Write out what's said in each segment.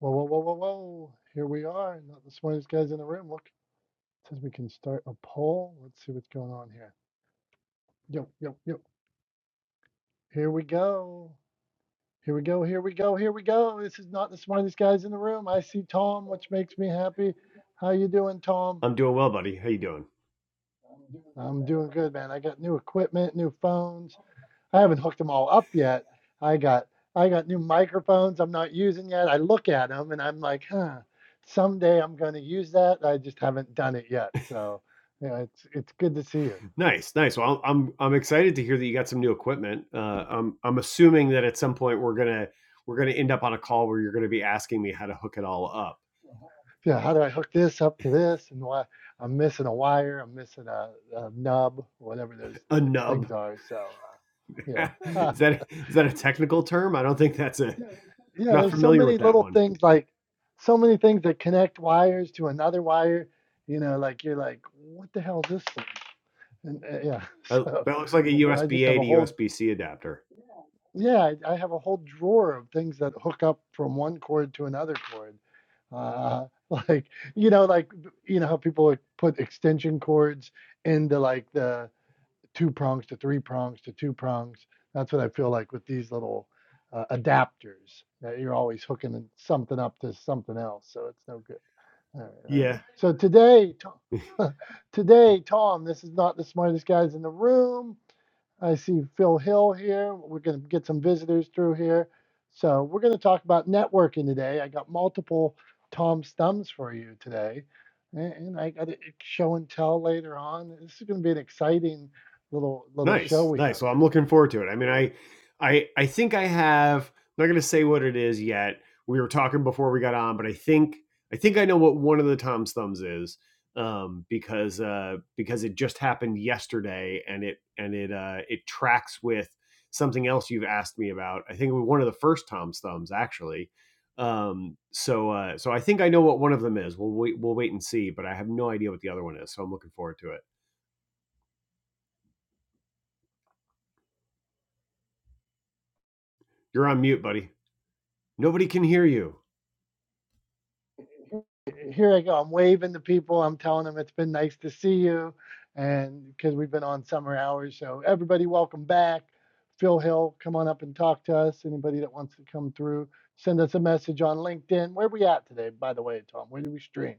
Whoa, whoa, whoa, whoa, whoa. Here we are. Not the smartest guys in the room. Look, it says we can start a poll. Let's see what's going on here. Yo, yo, yo. Here we go. Here we go. Here we go. Here we go. This is not the smartest guys in the room. I see Tom, which makes me happy. How you doing, Tom? I'm doing well, buddy. How you doing? I'm doing good, man. I got new equipment, new phones. I haven't hooked them all up yet. I got I got new microphones I'm not using yet. I look at them and I'm like, huh, someday I'm going to use that. I just haven't done it yet. So, you know, it's it's good to see you. Nice, nice. Well, I'm I'm excited to hear that you got some new equipment. Uh, I'm I'm assuming that at some point we're gonna we're gonna end up on a call where you're gonna be asking me how to hook it all up. Yeah, how do I hook this up to this and why I'm missing a wire, I'm missing a, a nub, whatever those A nub. things are. So, uh, yeah. Uh, is that is that a technical term? I don't think that's a. I'm yeah, not there's so familiar many with that little one. things like so many things that connect wires to another wire, you know, like you're like, what the hell is this thing? And uh, yeah, Uh, so that looks like a I USB just have A a to whole USB C adapter. yeah, I, I have a whole drawer of things that hook up from one cord to another cord. Uh, like you know, like you know how people would put extension cords into like the two prongs to three prongs to two prongs. That's what I feel like with these little uh, adapters that you're always hooking something up to something else. So it's no good. All right, all right. Yeah, So today, Tom, today, Tom, this is not the smartest guys in the room. I see Phil Hill here. We're going to get some visitors through here. So, we're going to talk about networking today. I got multiple Tom's thumbs for you today. And and I got a show and tell later on. This is going to be an exciting little little show Nice, we nice. have Well, I'm here. looking forward to it. I mean, I, I, I think I have. I'm not going to say what it is yet. We were talking before we got on, but I think I think I know what one of the Tom's thumbs is um, because uh, because it just happened yesterday, and it and it uh, it tracks with something else you've asked me about. I think it was one of the first Tom's thumbs actually. Um, so uh, so I think I know what one of them is. We'll wait, we'll wait and see, but I have no idea what the other one is. So I'm looking forward to it. You're on mute, buddy. Nobody can hear you. here I go. I'm waving to people. I'm telling them it's been nice to see you. And because we've been on summer hours. So, everybody, welcome back. Phil Hill, come on up and talk to us. Anybody that wants to come through, send us a message on LinkedIn. Where are we at today, by the way, Tom? Where do we stream?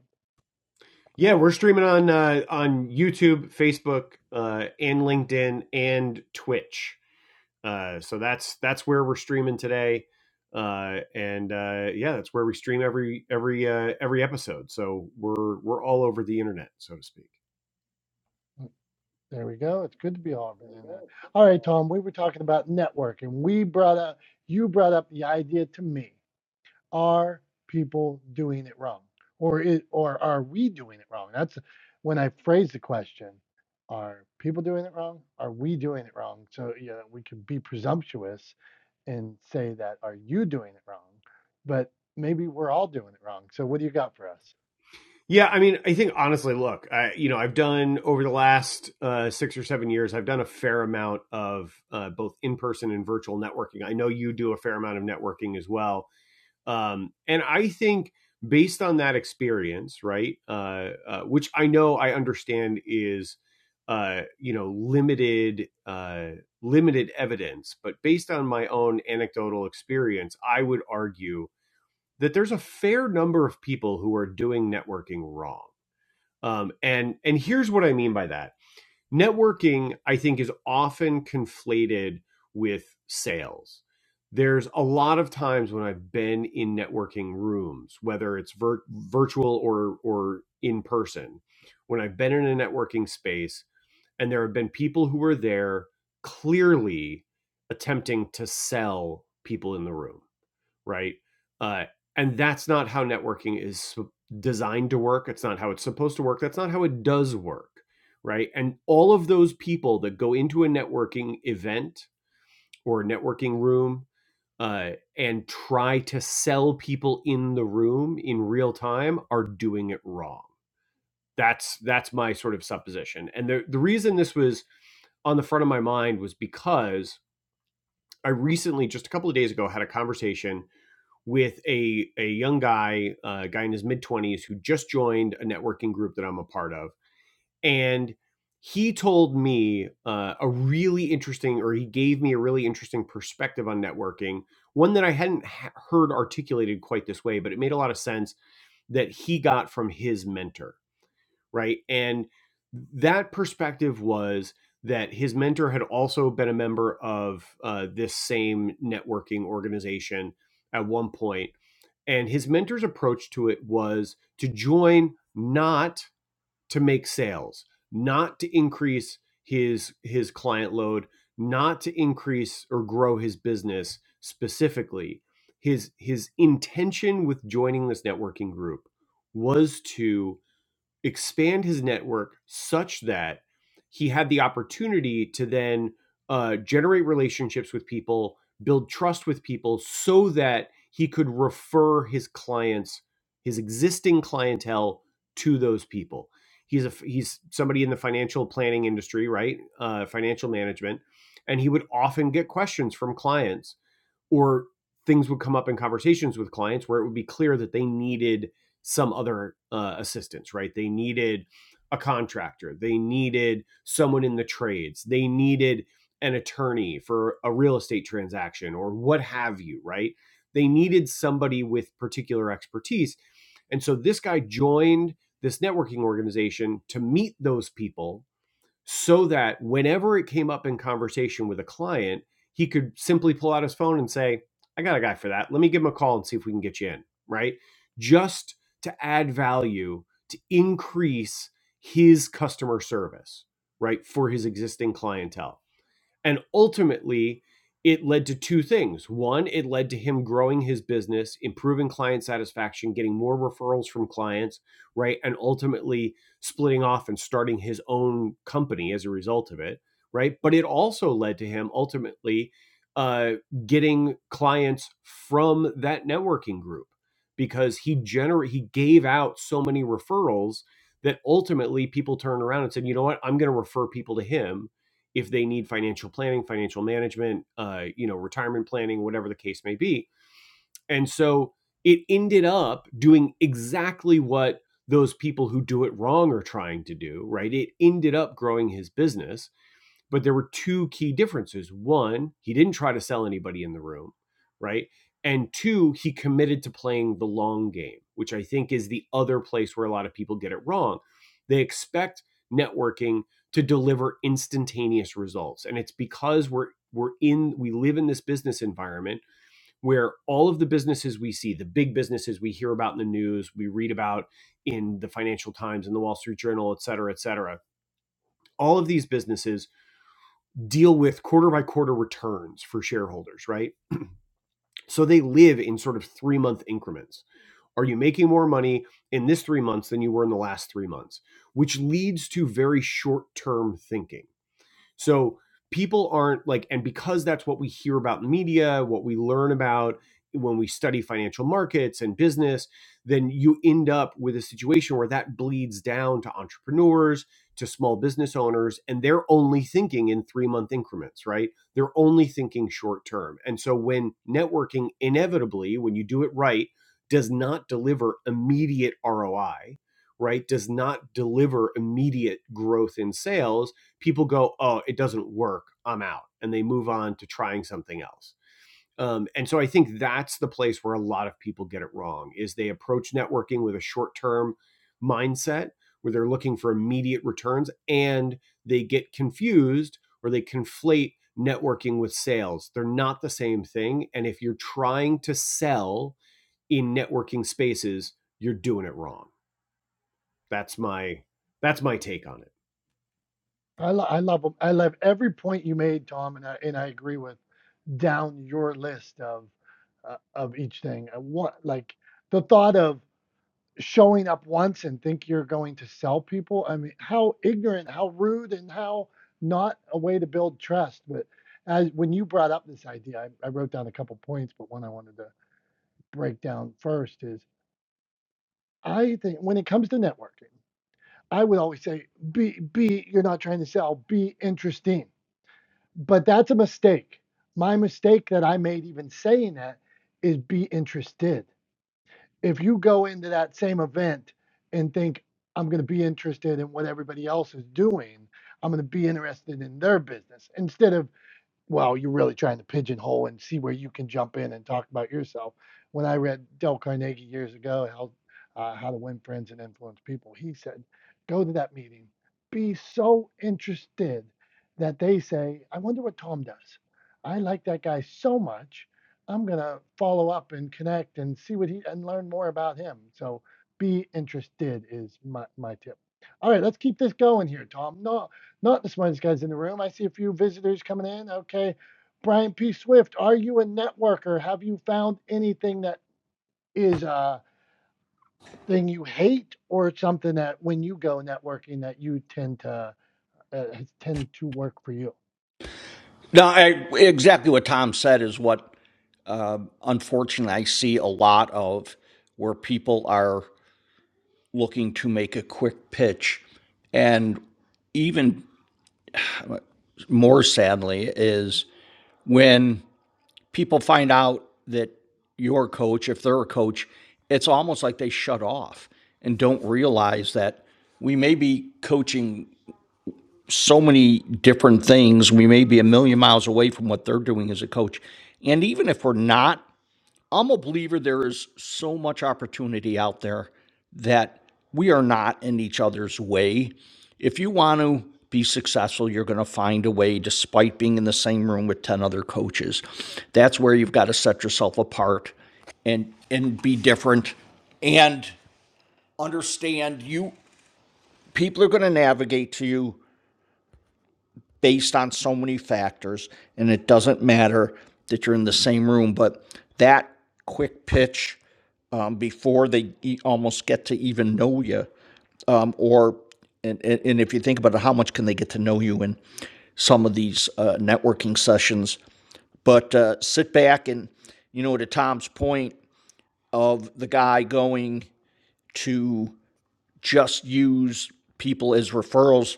Yeah, we're streaming on uh, on YouTube, Facebook, uh, and LinkedIn and Twitch. Uh, so that's that's where we're streaming today, uh, and uh, yeah, that's where we stream every every uh, every episode. So we're we're all over the internet, so to speak. There we go. It's good to be all over the internet. All right, Tom, we were talking about networking. We brought up, you brought up the idea to me. are people doing it wrong or it, or are we doing it wrong that's when i phrase the question are people doing it wrong are we doing it wrong so you know we can be presumptuous and say that are you doing it wrong but maybe we're all doing it wrong so what do you got for us Yeah, I mean, I think honestly, look, I, you know, I've done over the last uh, six or seven years, I've done a fair amount of uh, both in person and virtual networking. I know you do a fair amount of networking as well Um, and I think based on that experience, right, uh, uh, which I know I understand is, uh, you know, limited, uh, limited evidence, but based on my own anecdotal experience, I would argue that there's a fair number of people who are doing networking wrong. Um, and and here's what I mean by that networking i think is often conflated with sales there's a lot of times when i've been in networking rooms whether it's vir- virtual or or in person when i've been in a networking space and there have been people who were there clearly attempting to sell people in the room right? Uh, and that's not how networking is designed to work. It's not how it's supposed to work. That's not how it does work, right? And all of those people that go into a networking event or a networking room uh, and try to sell people in the room in real time are doing it wrong. That's that's my sort of supposition. And the the reason this was on the front of my mind was because I recently, just a couple of days ago, had a conversation with a a young guy, a guy in his mid twenties who just joined a networking group that I'm a part of, and he told me uh, a really interesting, or he gave me a really interesting perspective on networking, one that I hadn't ha- heard articulated quite this way, but it made a lot of sense that he got from his mentor, right? And that perspective was that his mentor had also been a member of uh, this same networking organization at one point and his mentor's approach to it was to join not to make sales, not to increase his his client load, not to increase or grow his business specifically. His his intention with joining this networking group was to expand his network such that he had the opportunity to then uh, generate relationships with people, build trust with people, so that he could refer his clients, his existing clientele, to those people. He's a he's somebody in the financial planning industry, right? Uh, financial management, and he would often get questions from clients or things would come up in conversations with clients where it would be clear that they needed some other uh, assistance, right? They needed a contractor, they needed someone in the trades, they needed an attorney for a real estate transaction or what have you, right? They needed somebody with particular expertise. And so this guy joined this networking organization to meet those people so that whenever it came up in conversation with a client, he could simply pull out his phone and say, I got a guy for that. Let me give him a call and see if we can get you in, right? Just to add value, to increase his customer service, right, for his existing clientele. And ultimately, it led to two things. One, it led to him growing his business, improving client satisfaction, getting more referrals from clients, right? And ultimately splitting off and starting his own company as a result of it, right? But it also led to him ultimately uh, getting clients from that networking group because he gener- he gave out so many referrals that ultimately people turned around and said, you know what, I'm going to refer people to him if they need financial planning, financial management, uh, you know, retirement planning, whatever the case may be. And so it ended up doing exactly what those people who do it wrong are trying to do, right? It ended up growing his business but there were two key differences. One, he didn't try to sell anybody in the room, right? And two, he committed to playing the long game, which I think is the other place where a lot of people get it wrong. They expect networking to deliver instantaneous results. And it's because we're we're in we live in this business environment where all of the businesses we see, the big businesses we hear about in the news, we read about in the Financial Times and the Wall Street Journal, et cetera, et cetera. All of these businesses deal with quarter by quarter returns for shareholders, right? So they live in sort of three month increments. Are you making more money in this three months than you were in the last three months? Which leads to very short term thinking. So people aren't like, and because that's what we hear about in the media, what we learn about when we study financial markets and business, then you end up with a situation where that bleeds down to entrepreneurs, to small business owners, and they're only thinking in three month increments, right? They're only thinking short term. And so when networking inevitably, when you do it right, does not deliver immediate ROI, right? Does not deliver immediate growth in sales people go, oh, it doesn't work. I'm out. And they move on to trying something else. Um, and so I think that's the place where a lot of people get it wrong is they approach networking with a short term mindset where they're looking for immediate returns and they get confused or they conflate networking with sales. They're not the same thing. And if you're trying to sell in networking spaces, you're doing it wrong. That's my that's my take on it. i, lo- I love 'em. i love every point you made tom and i, and I agree with down your list of uh, of each thing I want like the thought of showing up once and think you're going to sell people. I mean, how ignorant, how rude, and how not a way to build trust. But as when you brought up this idea, I, I wrote down a couple points, but one I wanted to break down first is I think when it comes to networking, I would always say be be you're not trying to sell, be interesting. But that's a mistake. My mistake that I made even saying that is be interested. if you go into that same event and think I'm going to be interested in what everybody else is doing, I'm going to be interested in their business instead of well, you're really trying to pigeonhole and see where you can jump in and talk about yourself. When I read Dale Carnegie years ago, how uh, how to win friends and influence people, he said, go to that meeting, be so interested that they say, I wonder what Tom does. I like that guy so much. I'm gonna follow up and connect and see what he and learn more about him. So be interested is my, my tip. All right, let's keep this going here, Tom. No, not the smartest guys in the room. I see a few visitors coming in. Okay. Brian P. Swift, are you a networker? Have you found anything that is a thing you hate or something that when you go networking that you tend to uh, tend to work for you? No, I, exactly what Tom said is what unfortunately I see a lot of where people are looking to make a quick pitch. And even more sadly is when people find out that your coach, if they're a coach, it's almost like they shut off and don't realize that we may be coaching so many different things. We may be a million miles away from what they're doing as a coach. And even if we're not I'm a believer there is so much opportunity out there that we are not in each other's way. If you want to be successful, you're going to find a way despite being in the same room with 10 other coaches. That's where you've got to set yourself apart and and be different and understand you people are going to navigate to you based on so many factors, and it doesn't matter that you're in the same room. But that quick pitch um, before they e- almost get to even know you, um, or and, and if you think about it, how much can they get to know you in some of these uh, networking sessions? But uh, sit back and you know, to Tom's point of the guy going to just use people as referrals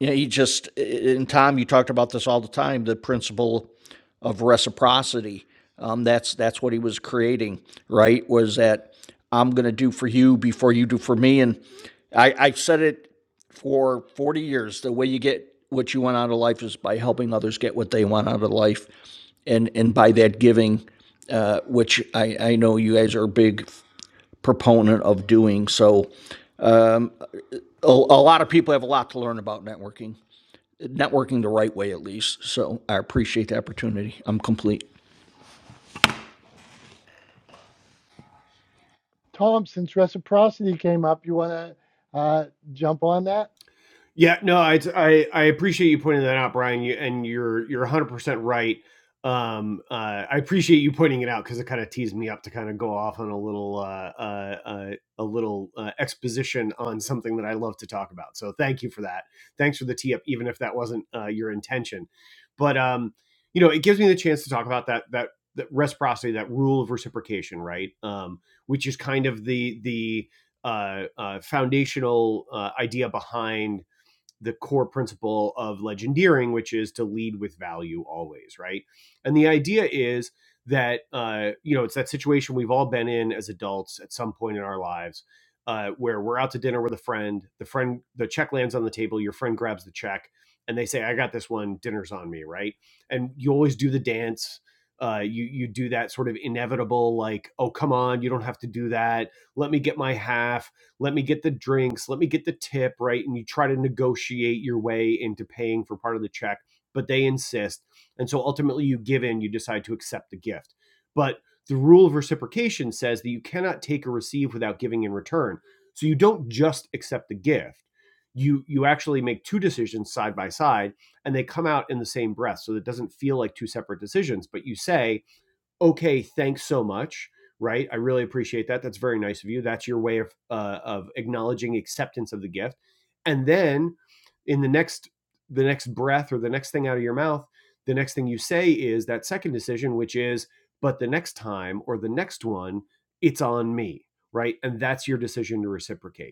yeah, he just and Tom, you talked about this all the time, the principle of reciprocity. Um, that's that's what he was creating, right? Was that I'm gonna do for you before you do for me. And I, I've said it for 40 years. The way you get what you want out of life is by helping others get what they want out of life and and by that giving, uh, which I, I know you guys are a big proponent of doing. So a, a lot of people have a lot to learn about networking networking the right way at least. So I appreciate the opportunity. I'm complete. Tom, since reciprocity came up, you want to uh, jump on that? Yeah, no, I I, I appreciate you pointing that out, Brian. You, and you're you're 100 percent right. Um, uh, I appreciate you pointing it out because it kind of teased me up to kind of go off on a little uh, uh, uh, a little uh, exposition on something that I love to talk about. So thank you for that. Thanks for the tee up, even if that wasn't uh, your intention. But um, you know, it gives me the chance to talk about that that that reciprocity, that rule of reciprocation, right? Um, which is kind of the the uh, uh, foundational uh, idea behind the core principle of legendeering, which is to lead with value always, right? And the idea is that uh, you know it's that situation we've all been in as adults at some point in our lives, uh, where we're out to dinner with a friend, the friend the check lands on the table, your friend grabs the check, and they say, "I got this one, dinner's on me," right? And you always do the dance. Uh, you you do that sort of inevitable like oh come on you don't have to do that let me get my half let me get the drinks, let me get the tip, right? And you try to negotiate your way into paying for part of the check, but they insist. And so ultimately you give in, you decide to accept the gift. But the rule of reciprocation says that you cannot take or receive without giving in return. So you don't just accept the gift. You you actually make two decisions side by side and they come out in the same breath. So it doesn't feel like two separate decisions, but you say, okay, thanks so much. Right. I really appreciate that. That's very nice of you. That's your way of, uh, of acknowledging acceptance of the gift. And then in the next, the next breath or the next thing out of your mouth, the next thing you say is that second decision, which is, but the next time or the next one, it's on me. Right. And that's your decision to reciprocate.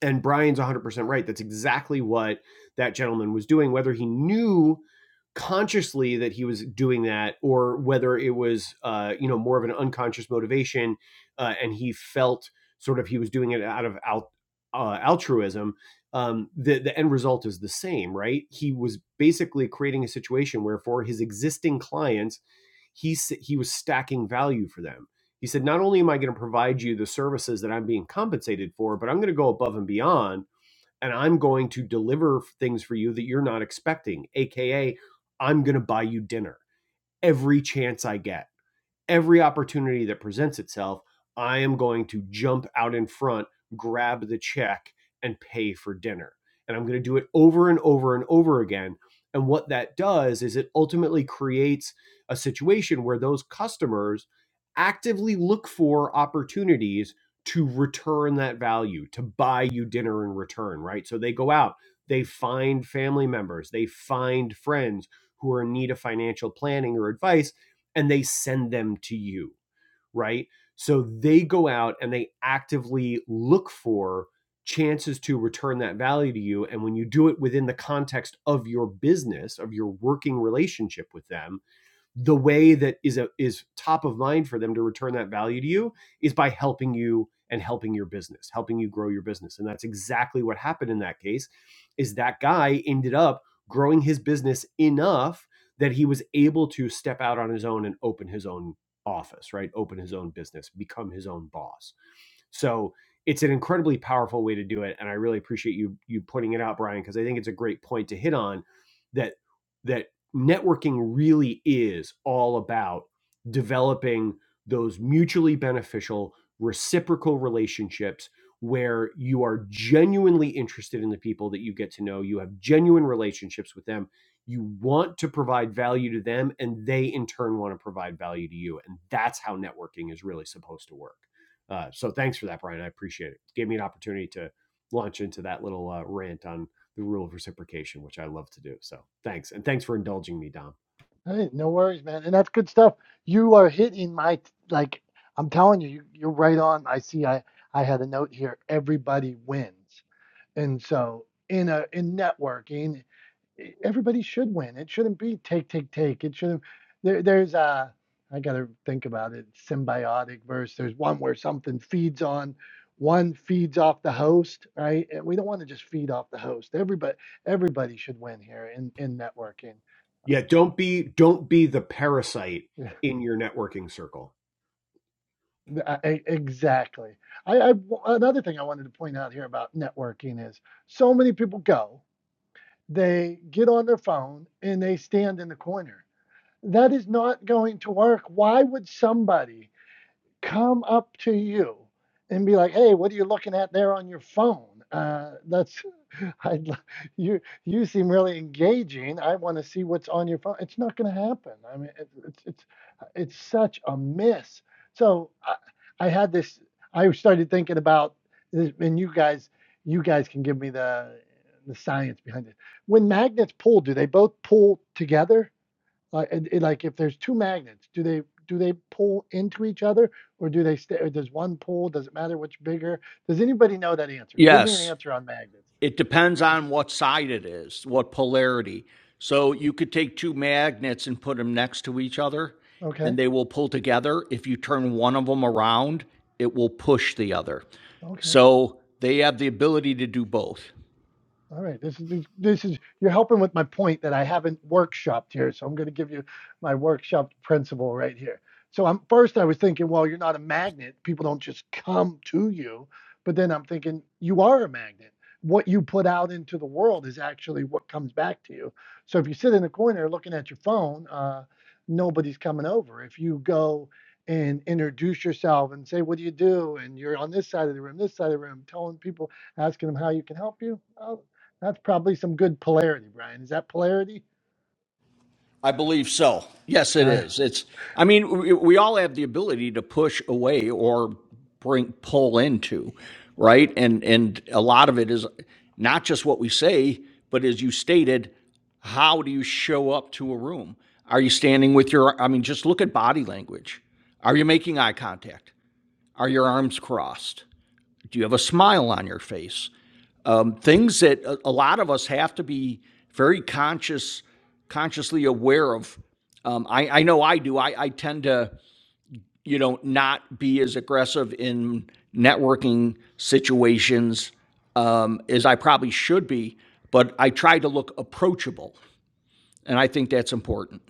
And Brian's 100% right. That's exactly what that gentleman was doing, whether he knew consciously that he was doing that or whether it was, uh, you know, more of an unconscious motivation uh, and he felt sort of he was doing it out of al- uh, altruism. Um, the, the end result is the same, right? He was basically creating a situation where for his existing clients, he, he was stacking value for them he said, Not only am I going to provide you the services that I'm being compensated for, but I'm going to go above and beyond and I'm going to deliver things for you that you're not expecting, AKA, I'm going to buy you dinner every chance I get every opportunity that presents itself, I am going to jump out in front, grab the check, and pay for dinner. And I'm going to do it over and over and over again. And what that does is it ultimately creates a situation where those customers actively look for opportunities to return that value, to buy you dinner in return, right? So they go out, they find family members, they find friends who are in need of financial planning or advice and they send them to you, right? So they go out and they actively look for chances to return that value to you. And when you do it within the context of your business, of your working relationship with them, the way that is a, is top of mind for them to return that value to you is by helping you and helping your business, helping you grow your business. And that's exactly what happened in that case is that guy ended up growing his business enough that he was able to step out on his own and open his own office, right? Open his own business, become his own boss. So it's an incredibly powerful way to do it, and I really appreciate you you putting it out, Brian, because I think it's a great point to hit on that that networking really is all about developing those mutually beneficial reciprocal relationships where you are genuinely interested in the people that you get to know you have genuine relationships with them you want to provide value to them and they in turn want to provide value to you and that's how networking is really supposed to work uh, so thanks for that brian i appreciate it It gave me an opportunity to launch into that little uh, rant on the rule of reciprocation, which I love to do. So thanks. And thanks for indulging me, Dom. Hey, no worries, man. And that's good stuff. You are hitting my like. I'm telling you, you you're right on. I see. I I had a note here. Everybody wins. And so in a in networking, e- everybody should win. It shouldn't be take, take, take. It shouldn't there there's a I gotta think about it, symbiotic verse. There's one where something feeds on one feeds off the host, right? And we don't want to just feed off the host. Everybody everybody should win here in, in networking. Yeah, Um, don't be don't be the parasite yeah, in your networking circle. I- I- exactly. I, I another thing I wanted to point out here about networking is so many people go. they get on their phone and they stand in the corner. That is not going to work. Why would somebody come up to you and be like, "Hey, what are you looking at there on your phone?" Uh, that's I'd, you. You seem really engaging. I want to see what's on your phone. It's not going to happen. I mean, it, it's it's it's such a miss. So I, I had this. I started thinking about this, and you guys, you guys can give me the the science behind it. When magnets pull, do they both pull together? Like, and, like if there's two magnets, do they do they pull into each other, or do they stay? Or does one pull? Does it matter which bigger? Does anybody know that answer? Give me an Yes, answer on magnets. it depends on what side it is, what polarity. So you could take two magnets and put them next to each other Okay. and they will pull together. If you turn one of them around, it will push the other. Okay. So they have the ability to do both. All right, this is this is you're helping with my point that I haven't workshopped here, so I'm going to give you my workshop principle right here. So I'm first I was thinking, well, you're not a magnet; people don't just come to you. But then I'm thinking, you are a magnet. What you put out into the world is actually what comes back to you. So if you sit in a corner looking at your phone, uh, nobody's coming over. If you go and introduce yourself and say, what do you do? And you're on this side of the room, this side of the room, telling people asking them how you can help you. Uh, that's probably some good polarity, Brian. Is that polarity? I believe so. Yes, it Uh, is. It's. I mean, we, we all have the ability to push away or bring pull into, right? And and a lot of it is not just what we say, but as you stated, how do you show up to a room? Are you standing with your? I mean, just look at body language. Are you making eye contact? Are your arms crossed? Do you have a smile on your face? um, things that a, a lot of us have to be very conscious, consciously aware of. Um, I, I know I do. I, I tend to, you know, not be as aggressive in networking situations um, as I probably should be, but I try to look approachable, and I think that's important.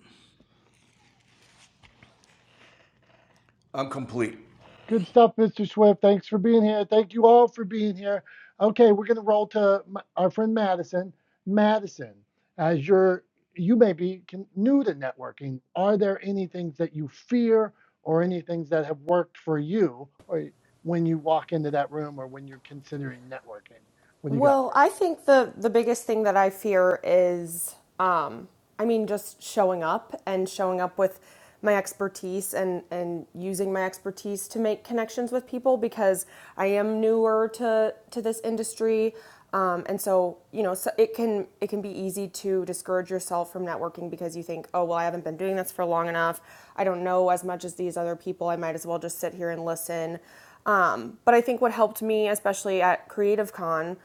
good stuff, Mr. Swift. Thanks for being here. Thank you all for being here. Okay, we're going to roll to m- our friend Madison. Madison, as you're, you may be con- new to networking, are there any things that you fear or any things that have worked for you or when you walk into that room or when you're considering networking? What do you got Well, for us? I think the the biggest thing that I fear is, um, I mean, just showing up and showing up with my expertise and and using my expertise to make connections with people because I am newer to to this industry, um, and so you know so it can it can be easy to discourage yourself from networking because you think, oh well, I haven't been doing this for long enough. I don't know as much as these other people. I might as well just sit here and listen. Um, but I think what helped me, especially at Creative Con,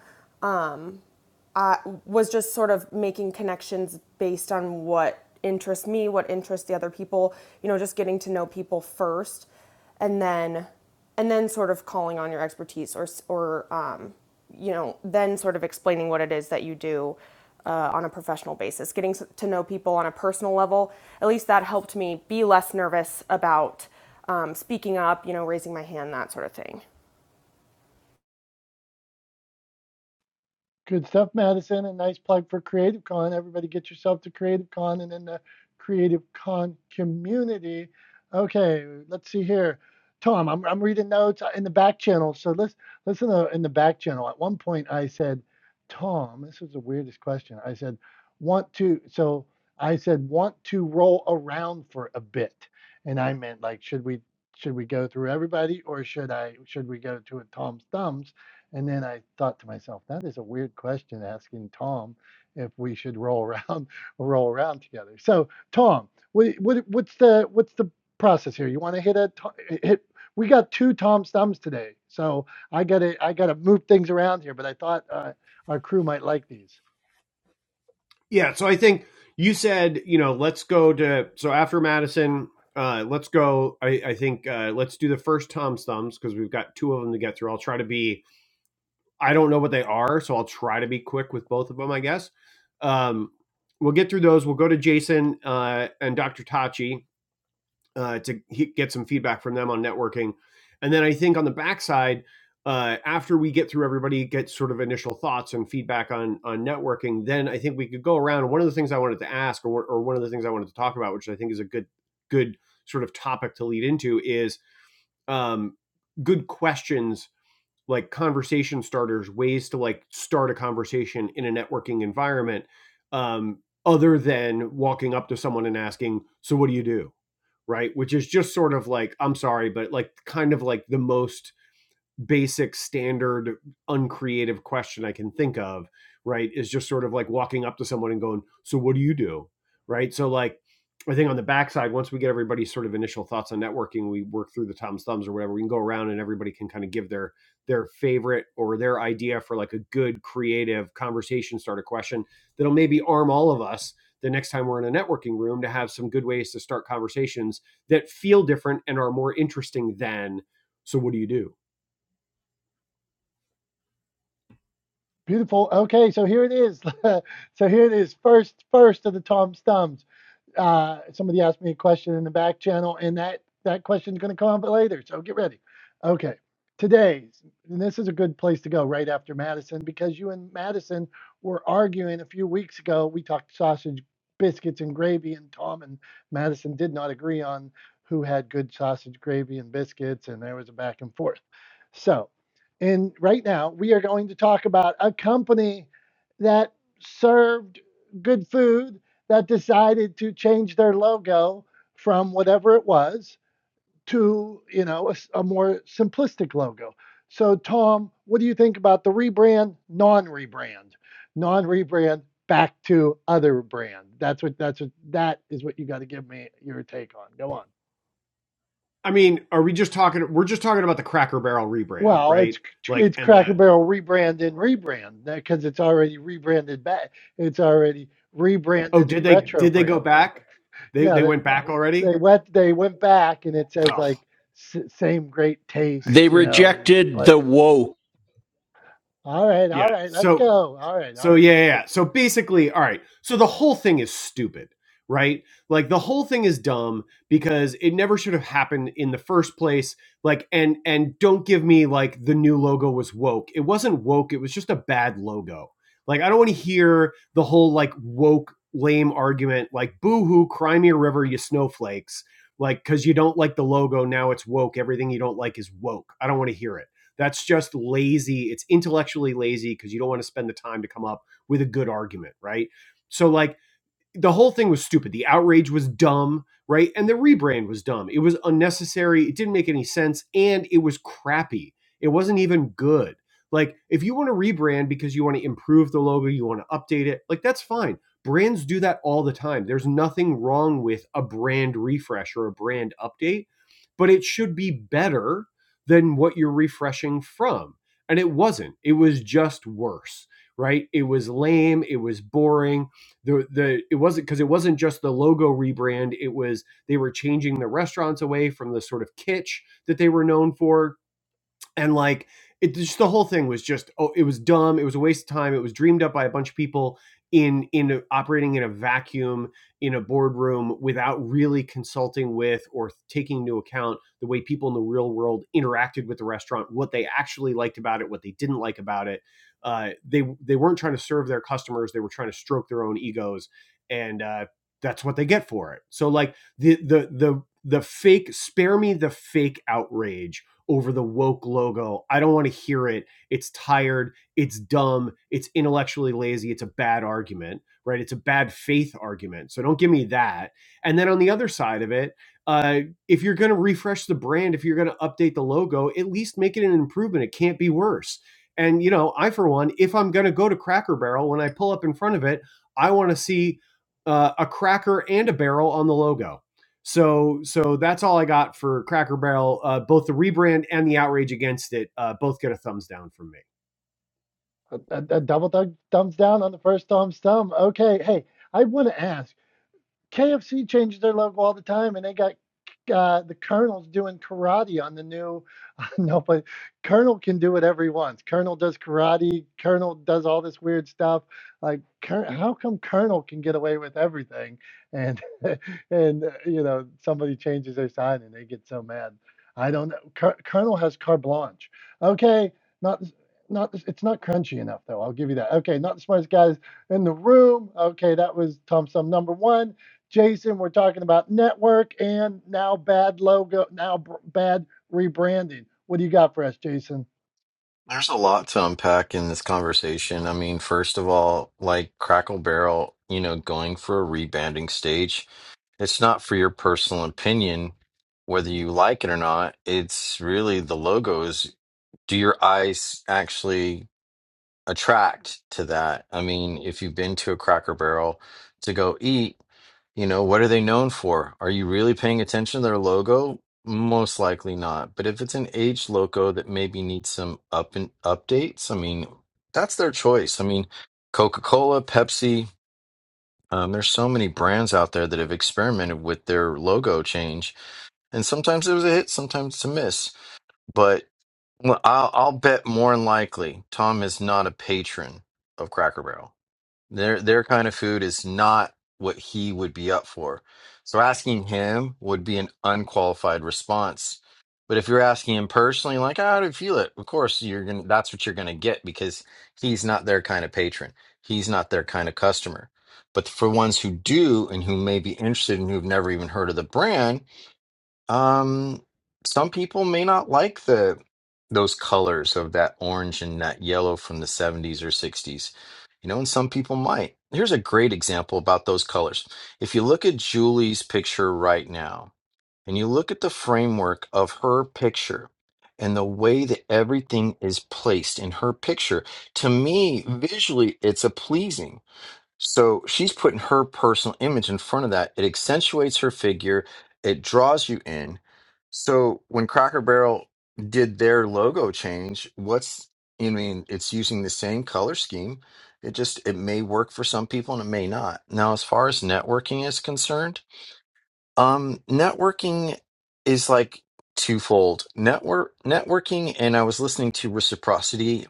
was just sort of making connections based on what interests me, what interests the other people, you know, just getting to know people first and then and then sort of calling on your expertise or or um, you know, then sort of explaining what it is that you do uh, on a professional basis, getting to know people on a personal level. At least that helped me be less nervous about um, speaking up, you know, raising my hand, that sort of thing. Good stuff, Madison. A nice plug for Creative Con. Everybody get yourself to Creative Con and in the Creative Con community. Okay, let's see here. Tom, I'm, I'm reading notes in the back channel. So let's listen to in the back channel. At one point, I said, Tom, this was the weirdest question. I said, want to, so I said, want to roll around for a bit. And I meant like, should we, should we go through everybody or should I, should we go to a Tom's thumbs? And then I thought to myself, that is a weird question asking Tom if we should roll around roll around together. So Tom, what, what what's the what's the process here? You want to hit a to- hit? We got two Tom's thumbs today, so I gotta I gotta move things around here. But I thought uh, our crew might like these. Yeah, so I think you said, you know, let's go to so after Madison, uh, let's go. I, I think uh, let's do the first Tom's thumbs because we've got two of them to get through. I'll try to be. I don't know what they are, so I'll try to be quick with both of them. I guess. Um, we'll get through those. We'll go to Jason uh, and Dr. Tachi, uh, to get some feedback from them on networking. And then I think on the backside, uh, after we get through everybody, get sort of initial thoughts and feedback on on networking, then I think we could go around. One of the things I wanted to ask, or, or one of the things I wanted to talk about, which I think is a good good sort of topic to lead into, is um, good questions like conversation starters, ways to like start a conversation in a networking environment, um, other than walking up to someone and asking, "So what do you do?" right? Which is just sort of like, I'm sorry, but like kind of like the most basic standard uncreative question i can think of right is just sort of like walking up to someone and going so what do you do right so like i think on the backside once we get everybody's sort of initial thoughts on networking we work through the tom's thumbs or whatever we can go around and everybody can kind of give their their favorite or their idea for like a good creative conversation starter question that'll maybe arm all of us the next time we're in a networking room to have some good ways to start conversations that feel different and are more interesting than so what do you do Beautiful. Okay, so here it is. so here it is. First first of the Tom's thumbs. Uh, somebody asked me a question in the back channel, and that that question is going to come up later. So get ready. Okay, today's and this is a good place to go right after Madison because you and Madison were arguing a few weeks ago. We talked sausage, biscuits, and gravy, and Tom and Madison did not agree on who had good sausage, gravy, and biscuits, and there was a back and forth. So, and right now we are going to talk about a company that served good food that decided to change their logo from whatever it was to you know a a more simplistic logo. So Tom, what do you think about the rebrand, non-rebrand, non-rebrand back to other brand? That's what that's what that is what you got to give me your take on. Go on. I mean, are we just talking? We're just talking about the Cracker Barrel rebrand, Well, it's right? Like, it's and the Cracker Barrel rebrand and rebrand because it's already rebranded back. It's already oh, rebranded did and they retro did they go branded. back? They Yeah, they that, went back they already. went they went back and it says Ugh, like s- same great taste They you know rejected but the woke. all right all yeah. right let's So go all right all So right yeah, we're gonna yeah, get yeah. it. So basically, all right. So the whole thing is stupid, right? Like the whole thing is dumb because it never should have happened in the first place. Like and and don't give me like the new logo was woke. It wasn't woke, it was just a bad logo. Like I don't want to hear the whole like woke lame argument like boo-hoo, cry me a river, you snowflakes. Like cuz you don't like the logo, now it's woke. Everything you don't like is woke. I don't want to hear it that's just lazy. It's intellectually lazy because you don't want to spend the time to come up with a good argument, right? So like the whole thing was stupid. The outrage was dumb, right? And the rebrand was dumb. It was unnecessary. It didn't make any sense, and it was crappy. It wasn't even good. Like, if you want to rebrand because you want to improve the logo, you want to update it, like that's fine. Brands do that all the time. There's nothing wrong with a brand refresh or a brand update, but it should be better than what you're refreshing from. And it wasn't. It was just worse, right? It was lame. It was boring the the it wasn't because it wasn't just the logo rebrand. It was they were changing the restaurants away from the sort of kitsch that they were known for and like it just the whole thing was just oh it was dumb it was a waste of time it was dreamed up by a bunch of people in in operating in a vacuum in a boardroom without really consulting with or taking into account the way people in the real world interacted with the restaurant what they actually liked about it what they didn't like about it uh, they they weren't trying to serve their customers they were trying to stroke their own egos and uh, that's what they get for it so like the the the the fake spare me the fake outrage over the woke logo. I don't want to hear it. It's tired. It's dumb. It's intellectually lazy. It's a bad argument, right? It's a bad faith argument. So don't give me that. And then on the other side of it, uh, if you're going to refresh the brand, if you're going to update the logo, at least make it an improvement. It can't be worse. And, you know, I, for one, if I'm going to go to Cracker Barrel, when I pull up in front of it, I want to see uh, a cracker and a barrel on the logo so so that's all I got for Cracker Barrel. Uh, both the rebrand and the outrage against it uh, both get a thumbs down from me. a, a, a double thumb, thumbs down on the first thumbs thumb okay hey i want to ask KFC changes their logo all the time, and they got uh, the Colonel's doing karate on the new. no, but Colonel can do whatever he wants. Colonel does karate. Colonel does all this weird stuff. Like, Col- how come Colonel can get away with everything, and and uh, you know somebody changes their sign and they get so mad. I don't know. Col- Colonel has carte blanche. Okay, not not it's not crunchy enough though. I'll give you that. Okay, not the smartest guys in the room. Okay, that was Tom Sum number one. Jason, we're talking about network and now bad logo, now br- bad rebranding. What do you got for us, Jason? There's a lot to unpack in this conversation. I mean, first of all, like Crackle Barrel, you know, going for a rebranding stage, it's not for your personal opinion, whether you like it or not. It's really the logos. Do your eyes actually attract to that? I mean, if you've been to a Cracker Barrel to go eat, you know, what are they known for? Are you really paying attention to their logo? Most likely not. But if it's an aged logo that maybe needs some up and updates, I mean, that's their choice. I mean, Coca-Cola, Pepsi, um, there's so many brands out there that have experimented with their logo change, and sometimes it was a hit, sometimes it's a miss. But well, I'll, I'll bet more than likely Tom is not a patron of Cracker Barrel. Their their kind of food is not what he would be up for. So asking him would be an unqualified response. But if you're asking him personally, like, how do you feel it? Of course you're gonna that's what you're gonna get because he's not their kind of patron. He's not their kind of customer. But for ones who do and who may be interested and who've never even heard of the brand, um, some people may not like the those colors of that orange and that yellow from the 70s or 60s. You know, and some people might. Here's a great example about those colors. If you look at Julie's picture right now, and you look at the framework of her picture and the way that everything is placed in her picture, to me, visually, it's a pleasing. So she's putting her personal image in front of that. It accentuates her figure, it draws you in. So when Cracker Barrel did their logo change, what's I mean, it's using the same color scheme. It just it may work for some people and it may not. Now, as far as networking is concerned, um networking is like twofold. Network networking and I was listening to Reciprocity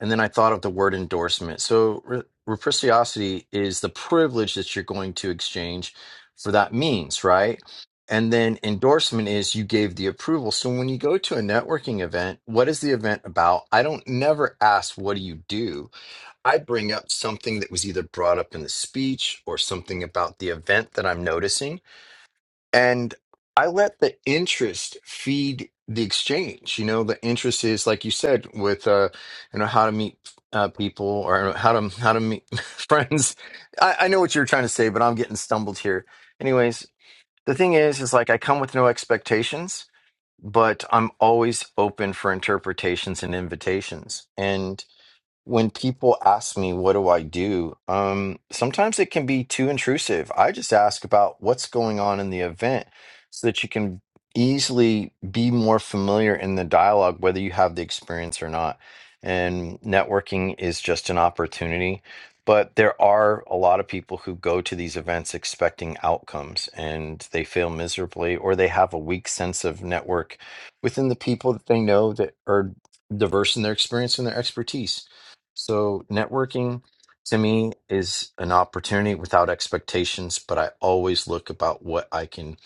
and then I thought of the word endorsement. So, re- reciprocity is the privilege that you're going to exchange for that means, right? And then endorsement is you gave the approval. So, when you go to a networking event, what is the event about? I don't never ask, what do you do? I bring up something that was either brought up in the speech or something about the event that I'm noticing and I let the interest feed the exchange. You know, the interest is like you said with uh, you know how to meet uh, people or how to how to meet friends. I, I know what you're trying to say, but I'm getting stumbled here. Anyways, the thing is, is like I come with no expectations, but I'm always open for interpretations and invitations, And when people ask me what do i do um sometimes it can be too intrusive i just ask about what's going on in the event so that you can easily be more familiar in the dialogue whether you have the experience or not and networking is just an opportunity but there are a lot of people who go to these events expecting outcomes and they fail miserably or they have a weak sense of network within the people that they know that are diverse in their experience and their expertise so, networking to me is an opportunity without expectations, but I always look about what I can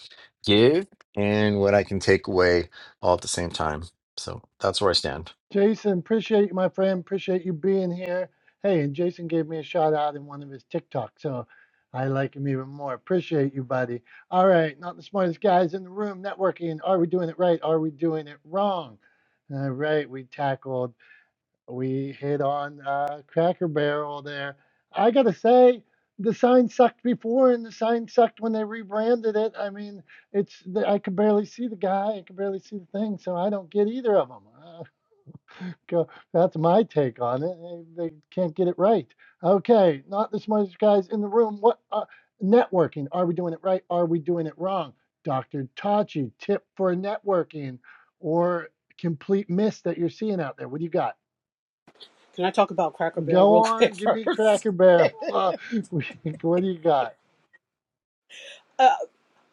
give and what I can take away all at the same time. So, that's where I stand. Jason, appreciate you, my friend. Appreciate you being here. Hey, and Jason gave me a shout out in one of his TikToks, so I like him even more. Appreciate you, buddy. All right, not the smartest guys in the room. Networking. Are we doing it right? Are we doing it wrong? All right, we tackled we hit on uh, Cracker Barrel there. I gotta say, the sign sucked before, and the sign sucked when they rebranded it. I mean, it's I could barely see the guy, I could barely see the thing, so I don't get either of them. Uh, go, that's my take on it. They, they can't get it right. Okay, not the smartest guys in the room. What uh, networking? Are we doing it right? Are we doing it wrong? Dr. Tachi, tip for networking or complete miss that you're seeing out there. What do you got? Can I talk about Cracker Barrel Go real quick on, give me first? Cracker Barrel. Uh, what do you got? uh,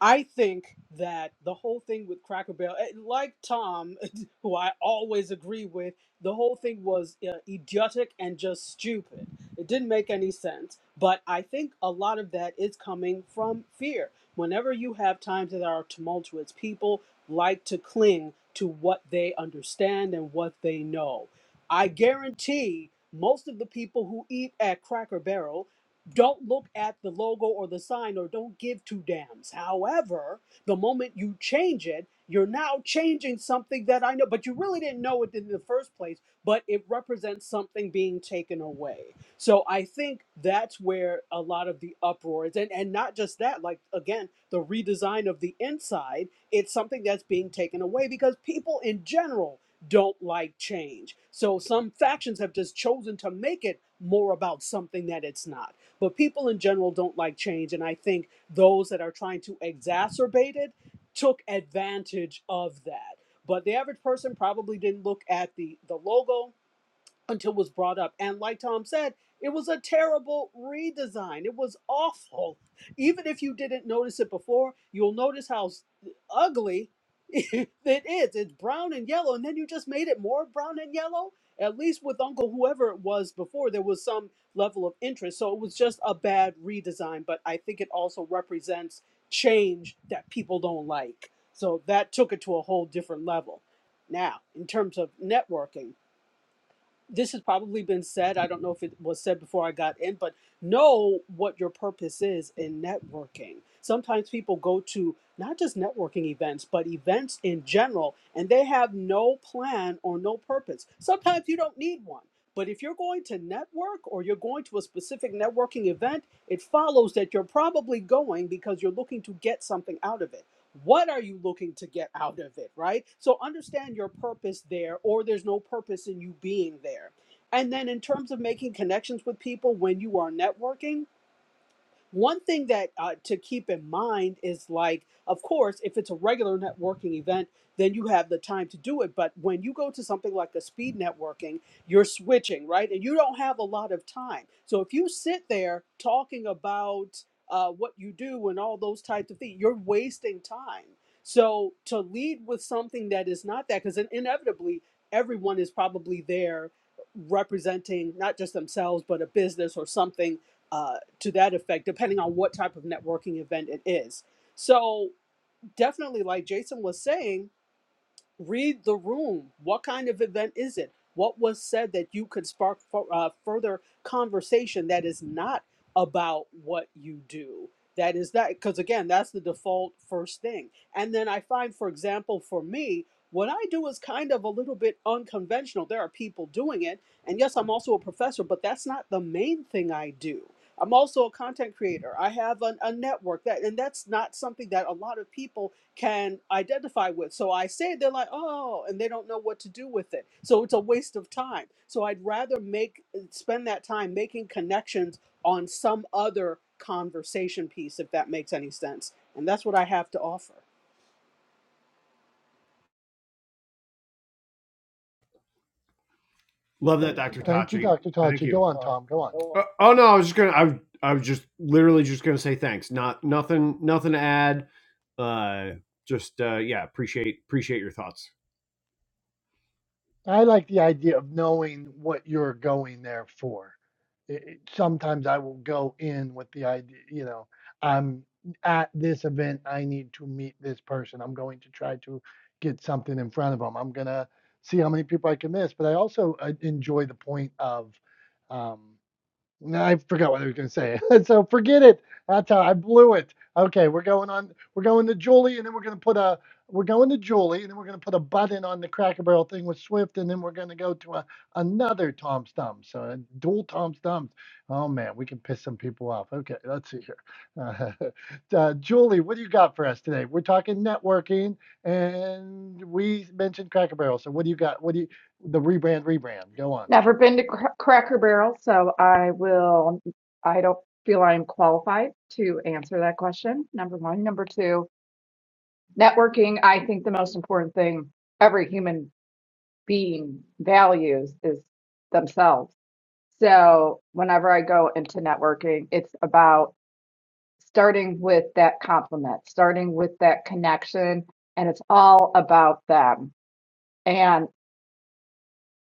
I think that the whole thing with Cracker Barrel, eh, like Tom, who I always agree with, the whole thing was uh, idiotic and just stupid. It didn't make any sense. But I think a lot of that is coming from fear. Whenever you have times that are tumultuous, people like to cling to what they understand and what they know. I guarantee most of the people who eat at Cracker Barrel don't look at the logo or the sign or don't give two dams. However, the moment you change it, you're now changing something that I know, but you really didn't know it in the first place, but it represents something being taken away. So I think that's where a lot of the uproar is. And, and not just that, like again, the redesign of the inside, it's something that's being taken away because people in general don't like change. So some factions have just chosen to make it more about something that it's not. But people in general don't like change. And I think those that are trying to exacerbate it took advantage of that. But the average person probably didn't look at the, the logo until it was brought up. And like Tom said, it was a terrible redesign. It was awful. Even if you didn't notice it before, you'll notice how s- ugly it is. It's brown and yellow, and then you just made it more brown and yellow. At least with Uncle Whoever it was before, there was some level of interest. So it was just a bad redesign, but I think it also represents change that people don't like. So that took it to a whole different level. Now, in terms of networking, this has probably been said. I don't know if it was said before I got in, but know what your purpose is in networking. Sometimes people go to not just networking events, but events in general, and they have no plan or no purpose. Sometimes you don't need one. But if you're going to network or you're going to a specific networking event, it follows that you're probably going because you're looking to get something out of it. What are you looking to get out of it, right? So understand your purpose there, or there's no purpose in you being there. And then, in terms of making connections with people when you are networking, one thing that uh, to keep in mind is like, of course, if it's a regular networking event, then you have the time to do it. But when you go to something like a speed networking, you're switching, right? And you don't have a lot of time. So if you sit there talking about uh, what you do and all those types of things, you're wasting time. So to lead with something that is not that, because inevitably everyone is probably there representing not just themselves but a business or something uh, to that effect, depending on what type of networking event it is. So, definitely, like Jason was saying, read the room. What kind of event is it? What was said that you could spark for uh, further conversation that is not about what you do? That is that, because again, that's the default first thing. And then I find, for example, for me, what I do is kind of a little bit unconventional. There are people doing it. And yes, I'm also a professor, but that's not the main thing I do. I'm also a content creator. I have an, a network that, and that's not something that a lot of people can identify with. So I say it, they're like, oh, and they don't know what to do with it. So it's a waste of time. So I'd rather make uh, spend that time making connections on some other conversation piece, if that makes any sense. And that's what I have to offer. Love that, Dr. Thank you, Tachi. Dr. Thank Tachi. you. Go on, Tom. Go on. Uh, oh no, I was just gonna. I I was just literally just gonna say thanks. Not nothing nothing to add. Uh, just uh, yeah, appreciate appreciate your thoughts. I like the idea of knowing what you're going there for. It, it- sometimes I will go in with the idea, you know, I'm at this event, I need to meet this person. I'm going to try to get something in front of them. I'm going to see how many people I can miss. But I also uh, enjoy the point of, um, No, I forgot what I was going to say. so forget it. That's how I blew it. Okay, we're going on. We're going to Julie, and then we're going to put a. We're going to Julie, and then we're going to put a button on the Cracker Barrel thing with Swift, and then we're going to go to a, another Tom Stump. So uh, dual Tom Stumps. Oh man, we can piss some people off. Okay, let's see here. Uh, uh, Julie, what do you got for us today? We're talking networking, and we mentioned Cracker Barrel. So what do you got? What do you the rebrand? Rebrand. Go on. Never been to Cra- Cracker Barrel, so I will, I don't feel I'm qualified to answer that question. Number one. Number two, networking, I think the most important thing every human being values is themselves. So whenever I go into networking, it's about starting with that compliment, starting with that connection, and it's all about them. And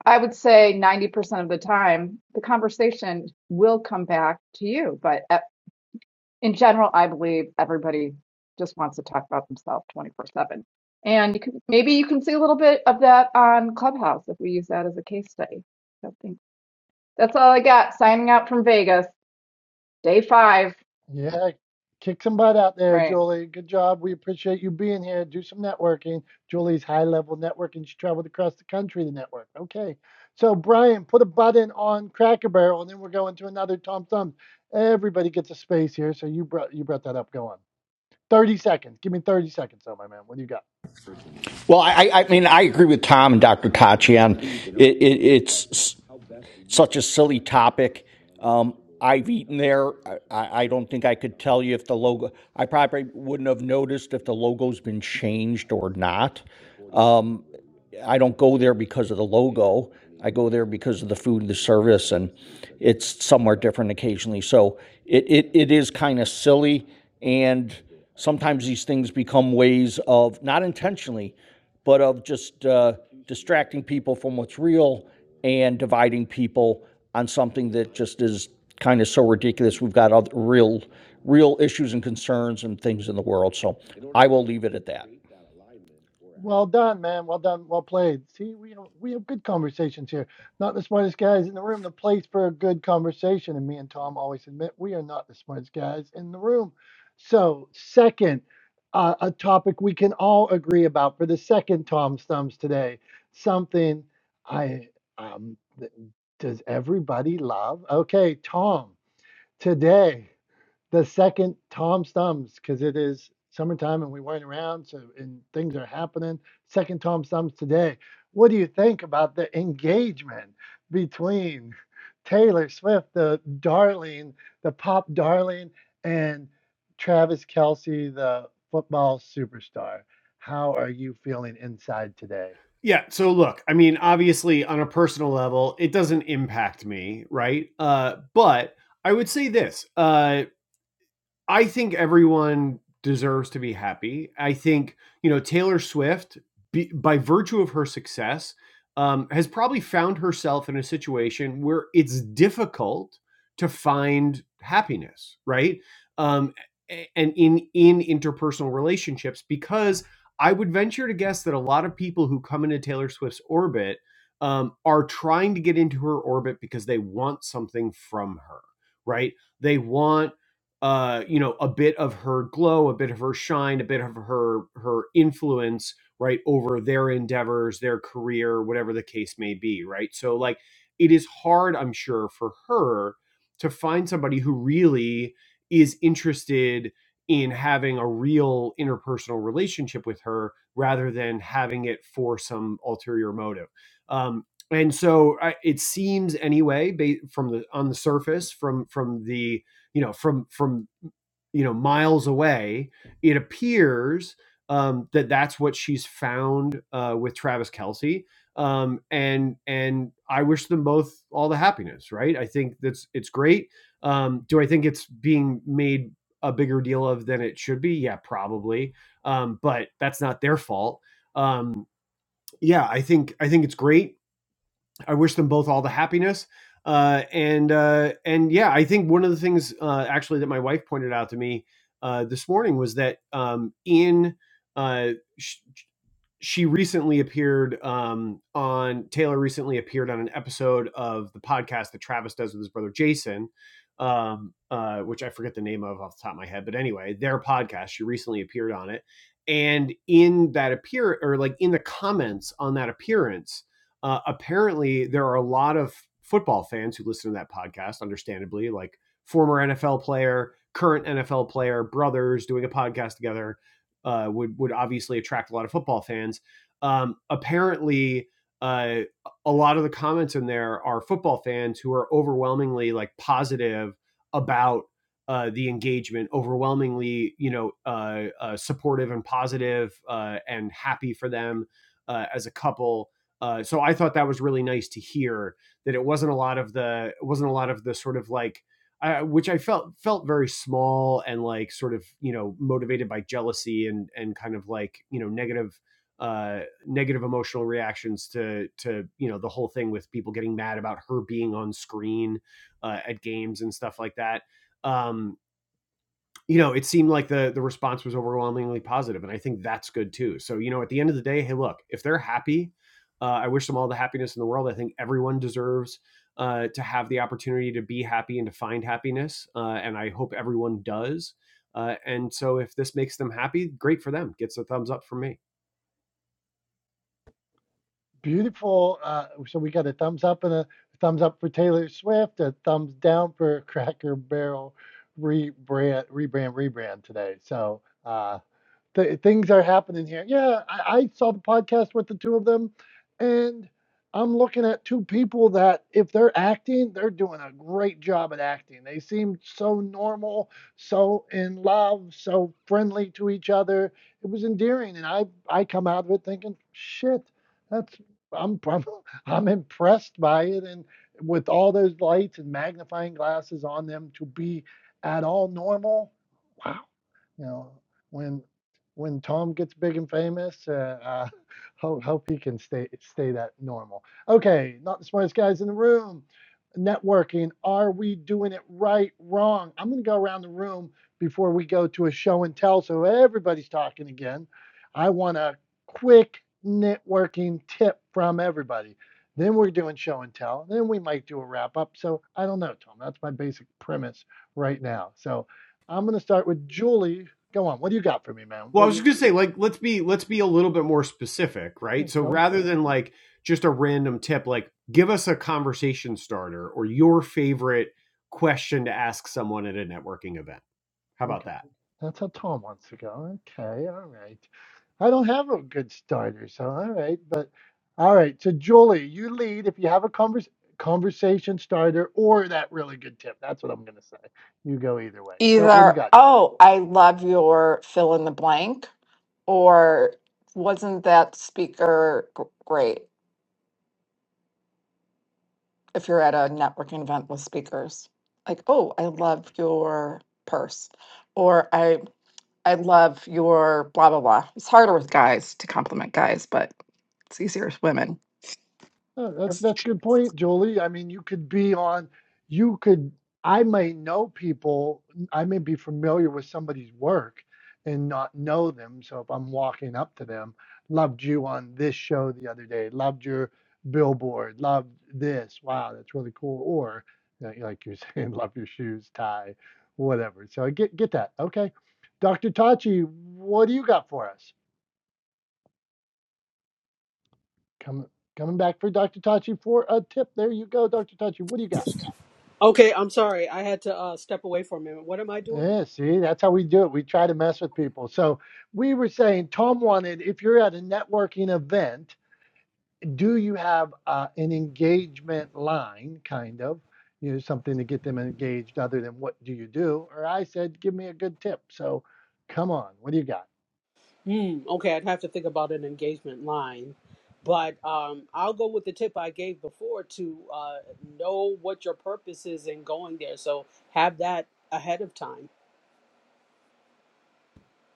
I would say 90% of the time, the conversation will come back to you. But uh, in general, I believe everybody just wants to talk about themselves 24 7. And you can, maybe you can see a little bit of that on Clubhouse if we use that as a case study. I think that's all I got. Signing out from Vegas, day five. Yeah, kick some butt out there, Right. Julie. Good job. We appreciate you being here. Do some networking. Julie's high level networking. She traveled across the country to network. Okay. So, Brian, put a button on Cracker Barrel, and then we're going to another Tom Thumb. Everybody gets a space here. So you brought you brought that up. Go on. 30 seconds. Give me 30 seconds, oh my man. What do you got? Well, I, I I mean, I agree with Tom and Dr. Tachi on it, it. It's such a silly topic. Um, I've eaten there. I, I don't think I could tell you if the logo, I probably wouldn't have noticed if the logo's been changed or not. Um, I don't go there because of the logo. I go there because of the food and the service, and it's somewhere different occasionally. So it, it, it is kind of silly, and sometimes these things become ways of, not intentionally, but of just uh, distracting people from what's real and dividing people on something that just is kind of so ridiculous. We've got other real, real issues and concerns and things in the world. So I will leave it at that. Well done, man. Well done. Well played. See, we we have good conversations here. Not the smartest guys in the room. The place for a good conversation. And me and Tom always admit we are not the smartest guys in the room. So, second, uh, a topic we can all agree about for the second Tom's thumbs today. Something I um th- does everybody love? Okay, Tom. Today the second Tom's Thumbs because it is summertime and we weren't around, so and things are happening. Second Tom's Thumbs today. What do you think about the engagement between Taylor Swift, the darling, the pop darling, and Travis Kelsey, the football superstar? How are you feeling inside today? Yeah. So look, I mean, obviously on a personal level, it doesn't impact me, right? Uh, but I would say this: uh, I think everyone deserves to be happy. I think, you know, Taylor Swift, be, by virtue of her success, um, has probably found herself in a situation where it's difficult to find happiness, right? Um, and in in interpersonal relationships, because I would venture to guess that a lot of people who come into Taylor Swift's orbit um, are trying to get into her orbit because they want something from her, right? They want uh, you know, a bit of her glow, a bit of her shine, a bit of her her influence, right, over their endeavors, their career, whatever the case may be, right? So like it is hard, I'm sure, for her to find somebody who really is interested in having a real interpersonal relationship with her rather than having it for some ulterior motive. Um, and so I, it seems anyway ba- from the on the surface from from the you know from from you know miles away it appears um, that that's what she's found uh, with travis kelsey um, and and i wish them both all the happiness right i think that's it's great um, do i think it's being made a bigger deal of than it should be yeah probably um, but that's not their fault um, yeah i think i think it's great I wish them both all the happiness. Uh, and uh, and yeah, I think one of the things uh, actually that my wife pointed out to me uh, this morning was that um, in uh, sh- she recently appeared um, on Taylor recently appeared on an episode of the podcast that Travis does with his brother Jason, um, uh, which I forget the name of off the top of my head, but anyway, their podcast. She recently appeared on it, and in that appear or like in the comments on that appearance, uh, apparently there are a lot of football fans who listen to that podcast, understandably, like former NFL player, current NFL player, brothers doing a podcast together uh, would would obviously attract a lot of football fans. Um, apparently, uh, a lot of the comments in there are football fans who are overwhelmingly like positive about uh, the engagement, overwhelmingly you know uh, uh, supportive and positive uh, and happy for them uh, as a couple. Uh, so I thought that was really nice to hear that it wasn't a lot of the it wasn't a lot of the sort of like I, which I felt felt very small and like sort of you know motivated by jealousy and and kind of like you know negative uh negative emotional reactions to to you know the whole thing with people getting mad about her being on screen uh, at games and stuff like that um you know, it seemed like the the response was overwhelmingly positive, and I think that's good too. So, you know, at the end of the day, hey, look, if they're happy, uh, I wish them all the happiness in the world. I think everyone deserves uh, to have the opportunity to be happy and to find happiness, uh, and I hope everyone does. Uh, and so, if this makes them happy, great for them. Gets a thumbs up from me. Beautiful. Uh, so we got a thumbs up and a thumbs up for Taylor Swift, a thumbs down for Cracker Barrel rebrand, rebrand, rebrand today. So uh, Th- things are happening here. Yeah, I, I saw the podcast with the two of them, and I'm looking at two people that, if they're acting, they're doing a great job at acting. They seem so normal, so in love, so friendly to each other. It was endearing, and I I come out of it thinking, shit, that's I'm I'm, I'm impressed by it, and with all those lights and magnifying glasses on them to be at all normal. Wow, you know, when when Tom gets big and famous, uh, uh, hope hope he can stay stay that normal. Okay, not the smartest guys in the room. Networking, are we doing it right, wrong? I'm gonna go around the room before we go to a show and tell, so everybody's talking again. I want a quick networking tip from everybody. Then we're doing show and tell. Then we might do a wrap up. So I don't know, Tom. That's my basic premise right now. So I'm going to start with Julie, Go on. What do you got for me, man? Well, I What was you? just gonna say, like, let's be let's be a little bit more specific, Yeah, right? So go, go. rather than like just a random tip, like give us a conversation starter or your favorite question to ask someone at a networking event. How about Okay. that? That's how Tom wants to go. Okay. All right. I don't have a good starter, so all right. But all right. So Julie, you lead if you have a convers conversation starter or that really good tip. That's what I'm gonna say. You go either way. Go. What do you Either, got, Julie? oh, I love your fill in the blank, or wasn't that speaker g- great? if you're at a networking event with speakers like oh i love your purse or i i love your blah blah blah it's harder with guys to compliment guys but it's easier with women Uh, that's Yes. that's a good point, Jolie. I mean, you could be on, you could. I may know people. I may be familiar with somebody's work and not know them. So if I'm walking up to them, loved you on this show the other day. Loved your billboard. Loved this. Wow, that's really cool. Or you know, like you're saying, love your shoes, tie, whatever. So I get get that. Okay, Dr. Tachi, what do you got for us? Come coming back for Dr. Tachi for a tip. There you go, Dr. Tachi. What do you got? Okay, I'm sorry. I had to uh, step away for a minute. What am I doing? Yeah, see, that's how we do it. We try to mess with people. So we were saying, Tom wanted, if you're at a networking event, do you have uh, an engagement line, kind of, you know, something to get them engaged other than what do you do? Or I said, give me a good tip. So come on, what do you got? Hmm. Okay, I'd have to think about an engagement line, but um, I'll go with the tip I gave before to uh, know what your purpose is in going there. So have that ahead of time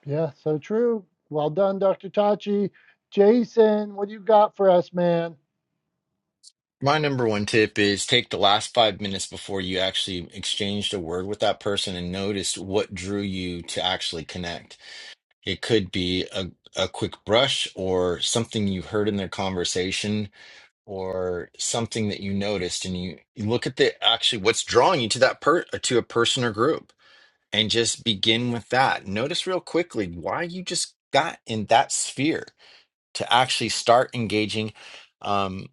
Yeah, so true. Well done, Dr. Tachi. Jason, what do you got for us, man? My number one tip is take the last five minutes before you actually exchanged a word with that person and notice what drew you to actually connect. It could be a, a quick brush or something you heard in their conversation or something that you noticed and you, you look at the actually what's drawing you to that per to a person or group and just begin with that notice real quickly why you just got in that sphere to actually start engaging um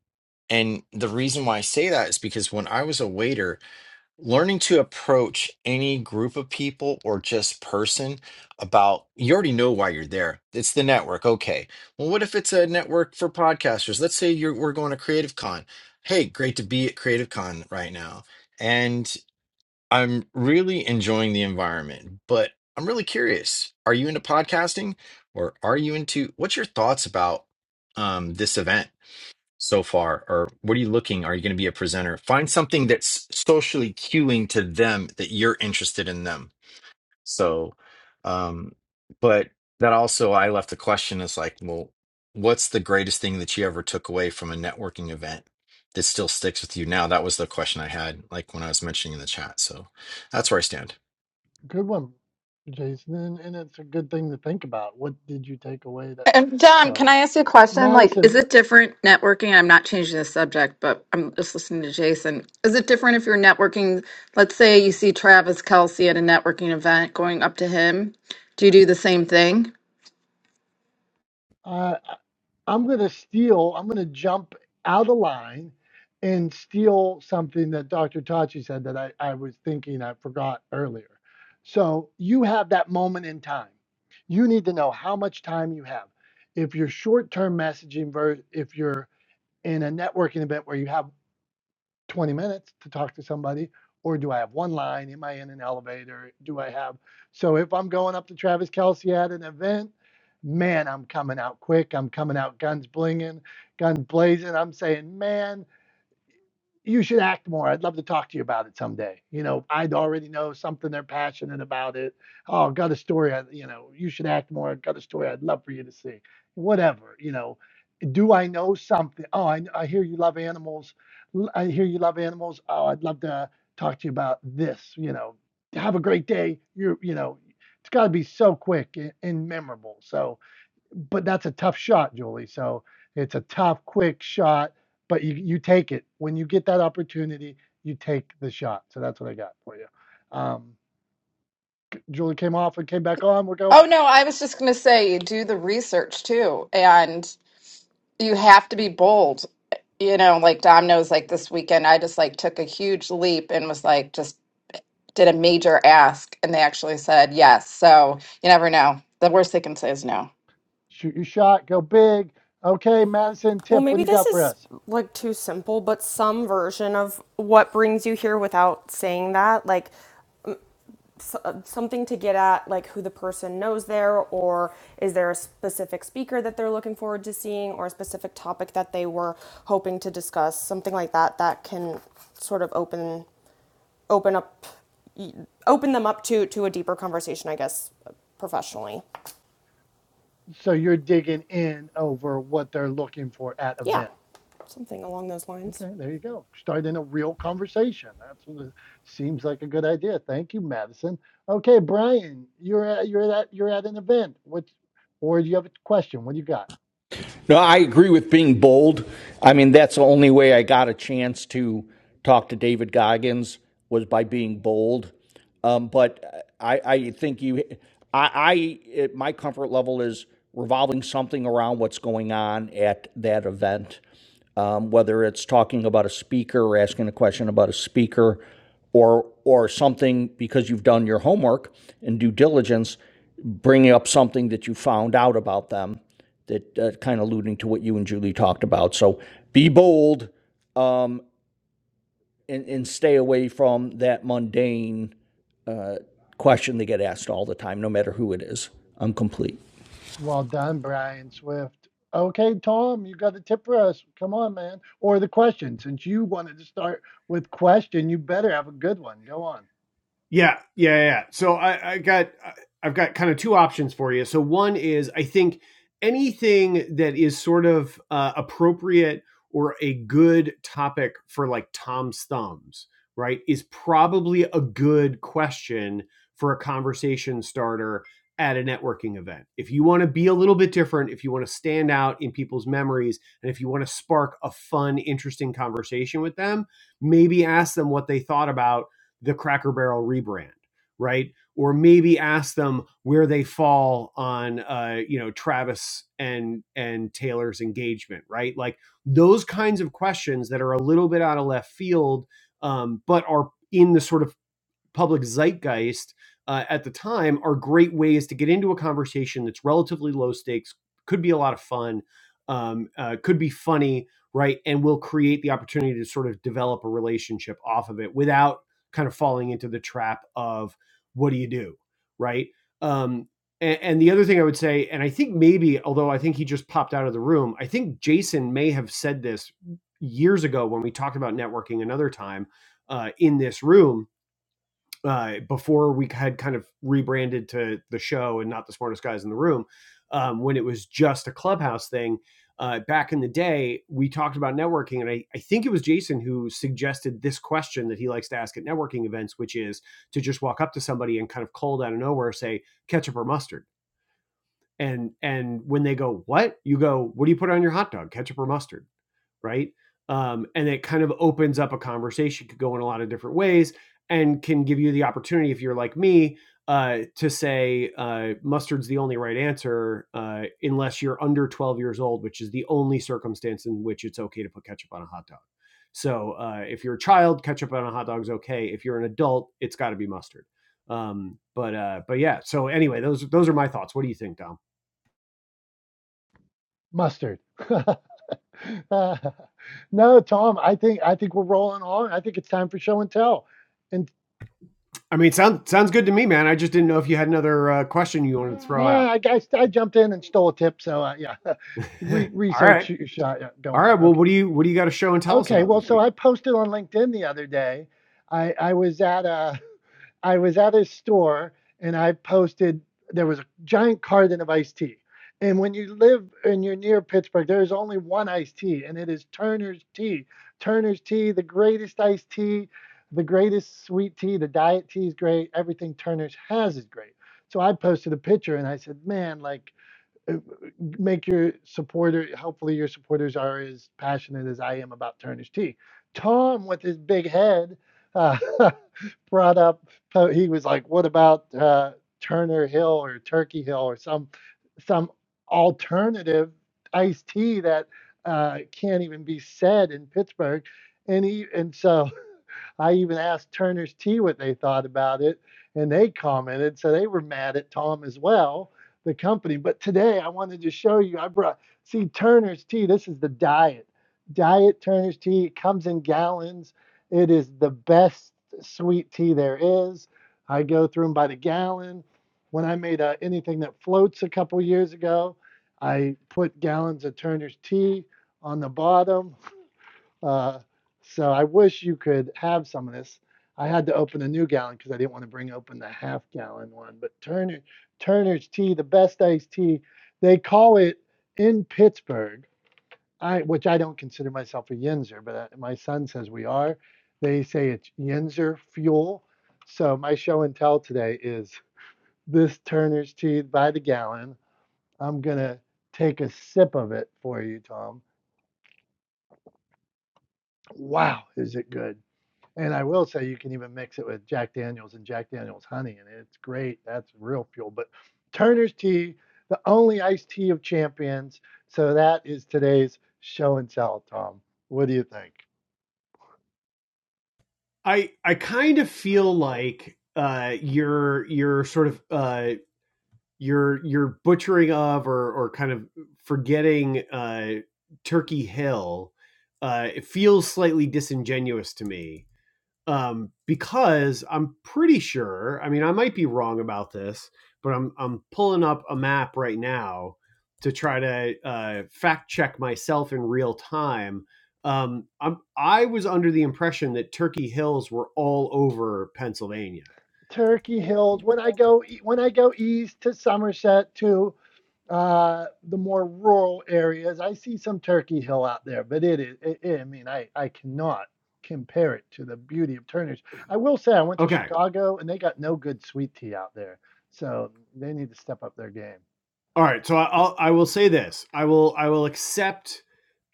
and the reason why i say that is because when i was a waiter learning to approach any group of people or just person about you already know why you're there it's the network okay well what if it's a network for podcasters let's say you're we're going to creative con hey great to be at creative con right now and i'm really enjoying the environment but i'm really curious are you into podcasting or are you into what's your thoughts about um, this event so far or what are you looking are you going to be a presenter find something that's socially cueing to them that you're interested in them so um but that also i left the question is like well what's the greatest thing that you ever took away from a networking event that still sticks with you now that was the question i had like when i was mentioning in the chat so that's where i stand Good one, Jason. And, and it's a good thing to think about. What did you take away that? and Dom, can So, I ask you a question? Like, is Madison, it different networking? I'm not changing the subject, but I'm just listening to Jason. Is it different if you're networking? Let's say you see Travis Kelsey at a networking event going up to him. Do you do the same thing? Uh, I'm going to steal, I'm going to jump out of line and steal something that Dr. Tachi said that I, I was thinking I forgot earlier. So you have that moment in time. You need to know how much time you have. If you're short term messaging, ver- if you're in a networking event where you have 20 minutes to talk to somebody? Or do I have one line? Am I in an elevator? Do I have? So if I'm going up to Travis Kelsey at an event, man, I'm coming out quick. I'm coming out guns blinging, guns blazing. I'm saying, man, you should act more. I'd love to talk to you about it someday. You know, I'd already know something they're passionate about it. Oh, got a story. I, you know, you should act more. Got a story I'd love for you to see. Whatever, you know do I know something? Oh, I, I hear you love animals. L- I hear you love animals. Oh, I'd love to talk to you about this. You know, have a great day. You're, you know, it's got to be so quick and, and memorable. So, but that's a tough shot, Julie. So it's a tough, quick shot, but you, you take it. When you get that opportunity, you take the shot. So that's what I got for you. Um, Julie came off and came back on. We're going, Oh no, I was just going to say you do the research too, and you have to be bold. You know, like Domino's, like this weekend, I just like took a huge leap and was like, just did a major ask, and they actually said yes. So you never know. The worst they can say is no. shoot your shot, go big. Okay, Madison, Well, tip, what do maybe you this got for is us? like too simple, but some version of what brings you here without saying that, like s- uh, something to get at, like who the person knows there, or is there a specific speaker that they're looking forward to seeing, or a specific topic that they were hoping to discuss, something like that that can sort of open open up open them up to to a deeper conversation, I guess, professionally. So you're digging in over what they're looking for at Yeah, event. something along those lines. Okay, there you go. Starting a real conversation. That's what it seems like a good idea. Thank you, Madison. Okay, Brian, you're at you're at you're at an event. What or do you have a question? What do you got? No, I agree with being bold. I mean, that's the only way I got a chance to talk to David Goggins was by being bold. Um, but I, I think you, I, I it, my comfort level is revolving something around what's going on at that event um, whether it's talking about a speaker or asking a question about a speaker or or something because you've done your homework and due diligence, bringing up something that you found out about them that uh, kind of alluding to what you and Julie talked about. So be bold um, and, and stay away from that mundane uh, question they get asked all the time, no matter who it is. I'm complete. Well done, Brian Swift. Okay, Tom, you got a tip for us. Come on, man. Or the question. Since you wanted to start with question, you better have a good one. Go on. Yeah, yeah, yeah. yeah. So I, I got I've got kind of two options for you. So one is I think anything that is sort of uh, appropriate or a good topic for like Tom's thumbs, right, is probably a good question for a conversation starter at a networking event. If you want to be a little bit different, if you want to stand out in people's memories, and if you want to spark a fun, interesting conversation with them, maybe ask them what they thought about the Cracker Barrel rebrand, right? Or maybe ask them where they fall on, uh, you know, Travis and and Taylor's engagement, right? Like those kinds of questions that are a little bit out of left field, um, but are in the sort of public zeitgeist uh, at the time are great ways to get into a conversation that's relatively low stakes, could be a lot of fun, um, uh, could be funny, right? And will create the opportunity to sort of develop a relationship off of it without kind of falling into the trap of what do you do, right? Um, and, and the other thing I would say, and I think maybe, although I think he just popped out of the room, I think Jason may have said this years ago when we talked about networking another time uh, in this room uh, before we had kind of rebranded to the show and not the smartest guys in the room, um, when it was just a clubhouse thing. Uh, back in the day, we talked about networking, and I, I think it was Jason who suggested this question that he likes to ask at networking events, which is to just walk up to somebody and kind of cold out of nowhere say ketchup or mustard, and and when they go what, you go what do you put on your hot dog, ketchup or mustard, right? Um, and it kind of opens up a conversation, could go in a lot of different ways, and can give you the opportunity, if you're like me, uh, to say uh, mustard's the only right answer uh, unless you're under 12 years old, which is the only circumstance in which it's okay to put ketchup on a hot dog. So uh, if you're a child, ketchup on a hot dog is okay. If you're an adult, it's got to be mustard. Um, but uh, but yeah. So anyway, those those are my thoughts. What do you think, Dom? Mustard. Uh, no, Tom, I think I think we're rolling on. I think it's time for show and tell. And I mean, sounds sounds good to me, man. I just didn't know if you had another uh, question you wanted to throw out. nah, I guess I jumped in and stole a tip, so uh, yeah, Re- All right. research your shot. Yeah, go All on. right. Well, Okay, what do you what do you got to show and tell us okay. about Well, this so week? I posted on LinkedIn the other day. I I was at a I was at his store and I posted there was a giant carton of iced tea. And when you live and you're near Pittsburgh, there is only one iced tea, and it is Turner's Tea. Turner's Tea, the greatest iced tea, the greatest sweet tea. The diet tea is great. Everything Turner's has is great. So I posted a picture and I said, man, like, uh, make your supporter, hopefully your supporters are as passionate as I am about Turner's Tea. Tom, with his big head, uh, brought up he was like what about uh, turner hill or turkey hill or some some alternative iced tea that uh, can't even be said in pittsburgh and he and so I even asked Turner's Tea what they thought about it, and they commented. So they were mad at Tom as well, the company. But today I wanted to show you. I brought, see, Turner's Tea, this is the diet. Diet Turner's Tea. It comes in gallons. It is the best sweet tea there is. I go through them by the gallon. When I made uh, anything that floats a couple years ago, I put gallons of Turner's Tea on the bottom. Uh, so I wish you could have some of this. I had to open a new gallon because I didn't want to bring open the half gallon one. But Turner Turner's tea, the best iced tea, they call it in Pittsburgh. I which I don't consider myself a Yinzer, but uh, my son says we are. They say it's Yinzer fuel. So my show and tell today is this Turner's tea by the gallon. I'm gonna take a sip of it for you, Tom. Wow, is it good? And I will say you can even mix it with Jack Daniels and Jack Daniels honey, and it's great. That's real fuel. But Turner's tea, the only iced tea of champions. So that is today's show and tell, Tom. What do you think? I I kind of feel like uh, you're you're sort of uh, you're you're butchering of or or kind of forgetting uh, Turkey Hill. Uh, it feels slightly disingenuous to me um, because I'm pretty sure. I mean, I might be wrong about this, but I'm I'm pulling up a map right now to try to uh, fact check myself in real time. Um, I'm, I was under the impression that Turkey Hills were all over Pennsylvania. Turkey Hills. When I go e- when I go east to Somerset to uh, the more rural areas, I see some Turkey Hill out there, but it is. It, it- I mean, I I cannot compare it to the beauty of Turner's. I will say I went to Okay. Chicago and they got no good sweet tea out there, so they need to step up their game. All right. So I- I'll I will say this. I will I will accept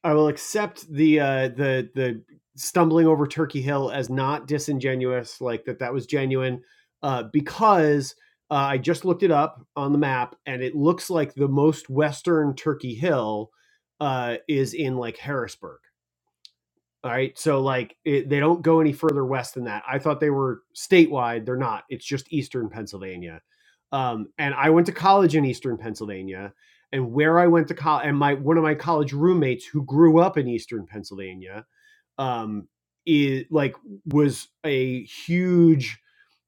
I will accept the uh, the the stumbling over Turkey Hill as not disingenuous, like that that was genuine, uh, because uh, I just looked it up on the map and it looks like the most western Turkey Hill uh, is in like Harrisburg. All right. So, like, it, they don't go any further west than that. I thought they were statewide. They're not. It's just Eastern Pennsylvania. Um, and I went to college in Eastern Pennsylvania. And where I went to college, and my one of my college roommates who grew up in Eastern Pennsylvania, um, is like was a huge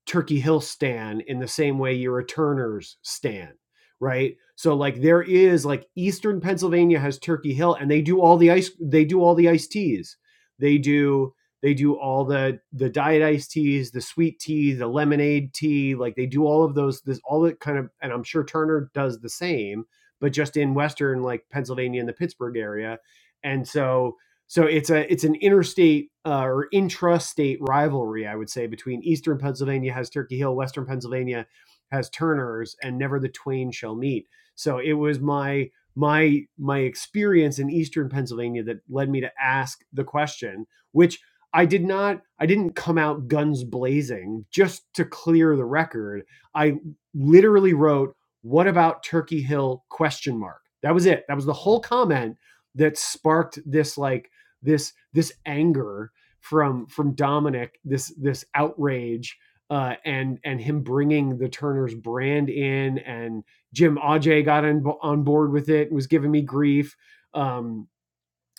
Turkey Hill stan in the same way you're a Turner's stan, right? So like there is like Eastern Pennsylvania has Turkey Hill, and they do all the ice. They do all the iced teas. They do they do all the the diet iced teas, the sweet tea, the lemonade tea. Like they do all of those. This all that kind of, and I'm sure Turner does the same, but just in Western like Pennsylvania and the Pittsburgh area. And so so it's a it's an interstate uh, or intrastate rivalry, I would say, between Eastern Pennsylvania has Turkey Hill, Western Pennsylvania has Turner's, and never the twain shall meet. So it was my my my experience in Eastern Pennsylvania that led me to ask the question, which I did not I didn't come out guns blazing. Just to clear the record, I literally wrote, "What about Turkey Hill?" question mark. That was it. That was the whole comment that sparked this like this this anger from from Dominic, this this outrage, uh, and and him bringing the Turner's brand in, and Jim Ajay got in, on board with it and was giving me grief. Um,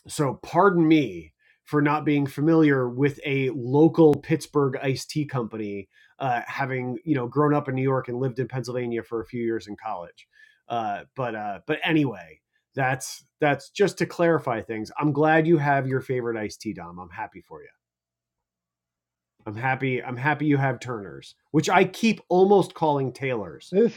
so pardon me for not being familiar with a local Pittsburgh iced tea company, uh, having you know grown up in New York and lived in Pennsylvania for a few years in college. Uh, but uh, but anyway, that's that's just to clarify things. I'm glad you have your favorite iced tea, Dom. I'm happy for you. I'm happy. I'm happy you have Turner's, which I keep almost calling Taylor's, This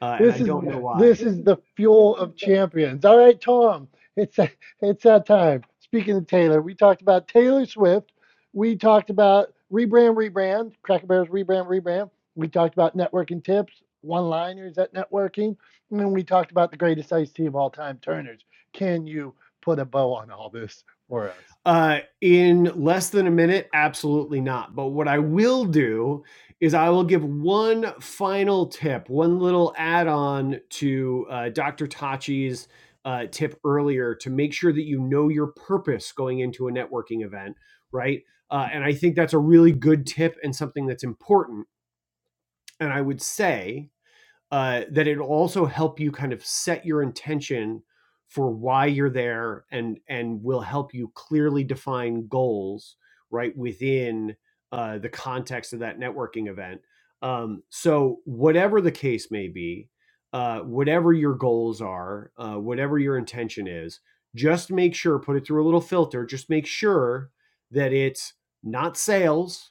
uh, and I this is don't know why. this This is is the fuel of champions. All right, Tom, it's it's that time. Speaking of Taylor, we talked about Taylor Swift. We talked about rebrand, rebrand, Cracker Barrels rebrand, rebrand. We talked about networking tips, one-liners at networking, and then we talked about the greatest ice tea of all time, Turner's. Can you put a bow on all this for us? Uh, in less than a minute, absolutely not. But what I will do is I will give one final tip, one little add on to uh, Dr. Tachi's uh, tip earlier to make sure that you know your purpose going into a networking event, right? Uh, and I think that's a really good tip and something that's important. And I would say, uh, that it'll also help you kind of set your intention for why you're there and and will help you clearly define goals right within uh, the context of that networking event um, so whatever the case may be uh, whatever your goals are uh, whatever your intention is just make sure put it through a little filter just make sure that it's not sales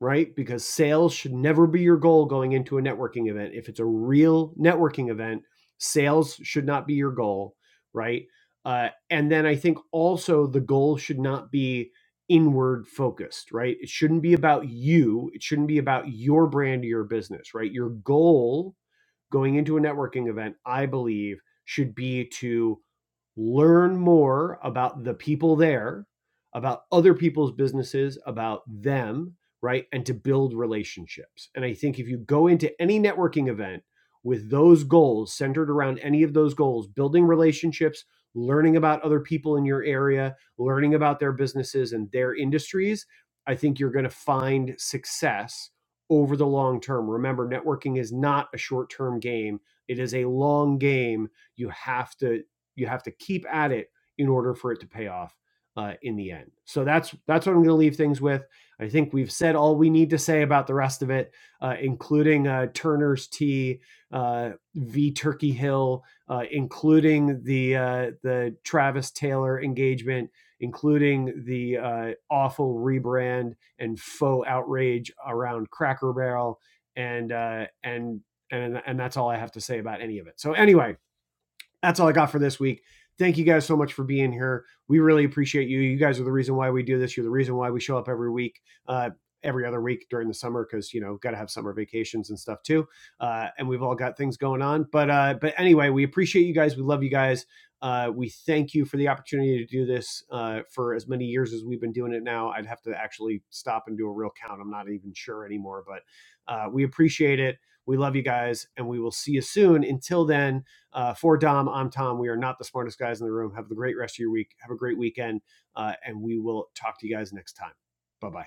right? Because sales should never be your goal going into a networking event. If it's a real networking event, sales should not be your goal, right? Uh, and then I think also the goal should not be inward focused, right? It shouldn't be about you. It shouldn't be about your brand or your business, right? Your goal going into a networking event, I believe, should be to learn more about the people there, about other people's businesses, about them, right? And to build relationships. And I think if you go into any networking event with those goals centered around any of those goals, building relationships, learning about other people in your area, learning about their businesses and their industries, I think you're going to find success over the long term. Remember, networking is not a short term game, it is a long game. You have to you have to keep at it in order for it to pay off uh, in the end. So that's that's what I'm going to leave things with. I think we've said all we need to say about the rest of it, uh, including uh, Turner's Tea, uh, V Turkey Hill, uh, including the uh, the Travis Taylor engagement, including the uh, awful rebrand and faux outrage around Cracker Barrel, and uh, and and and that's all I have to say about any of it. So anyway, that's all I got for this week. Thank you guys so much for being here. We really appreciate you. You guys are the reason why we do this. You're the reason why we show up every week, uh, every other week during the summer, because you know got to have summer vacations and stuff too. Uh, and we've all got things going on. But uh, but anyway, we appreciate you guys. We love you guys. Uh, we thank you for the opportunity to do this uh, for as many years as we've been doing it now. I'd have to actually stop and do a real count. I'm not even sure anymore, but uh, we appreciate it. We love you guys, and we will see you soon. Until then, uh, for Dom, I'm Tom. We are not the smartest guys in the room. Have a great rest of your week. Have a great weekend. Uh, and we will talk to you guys next time. Bye bye.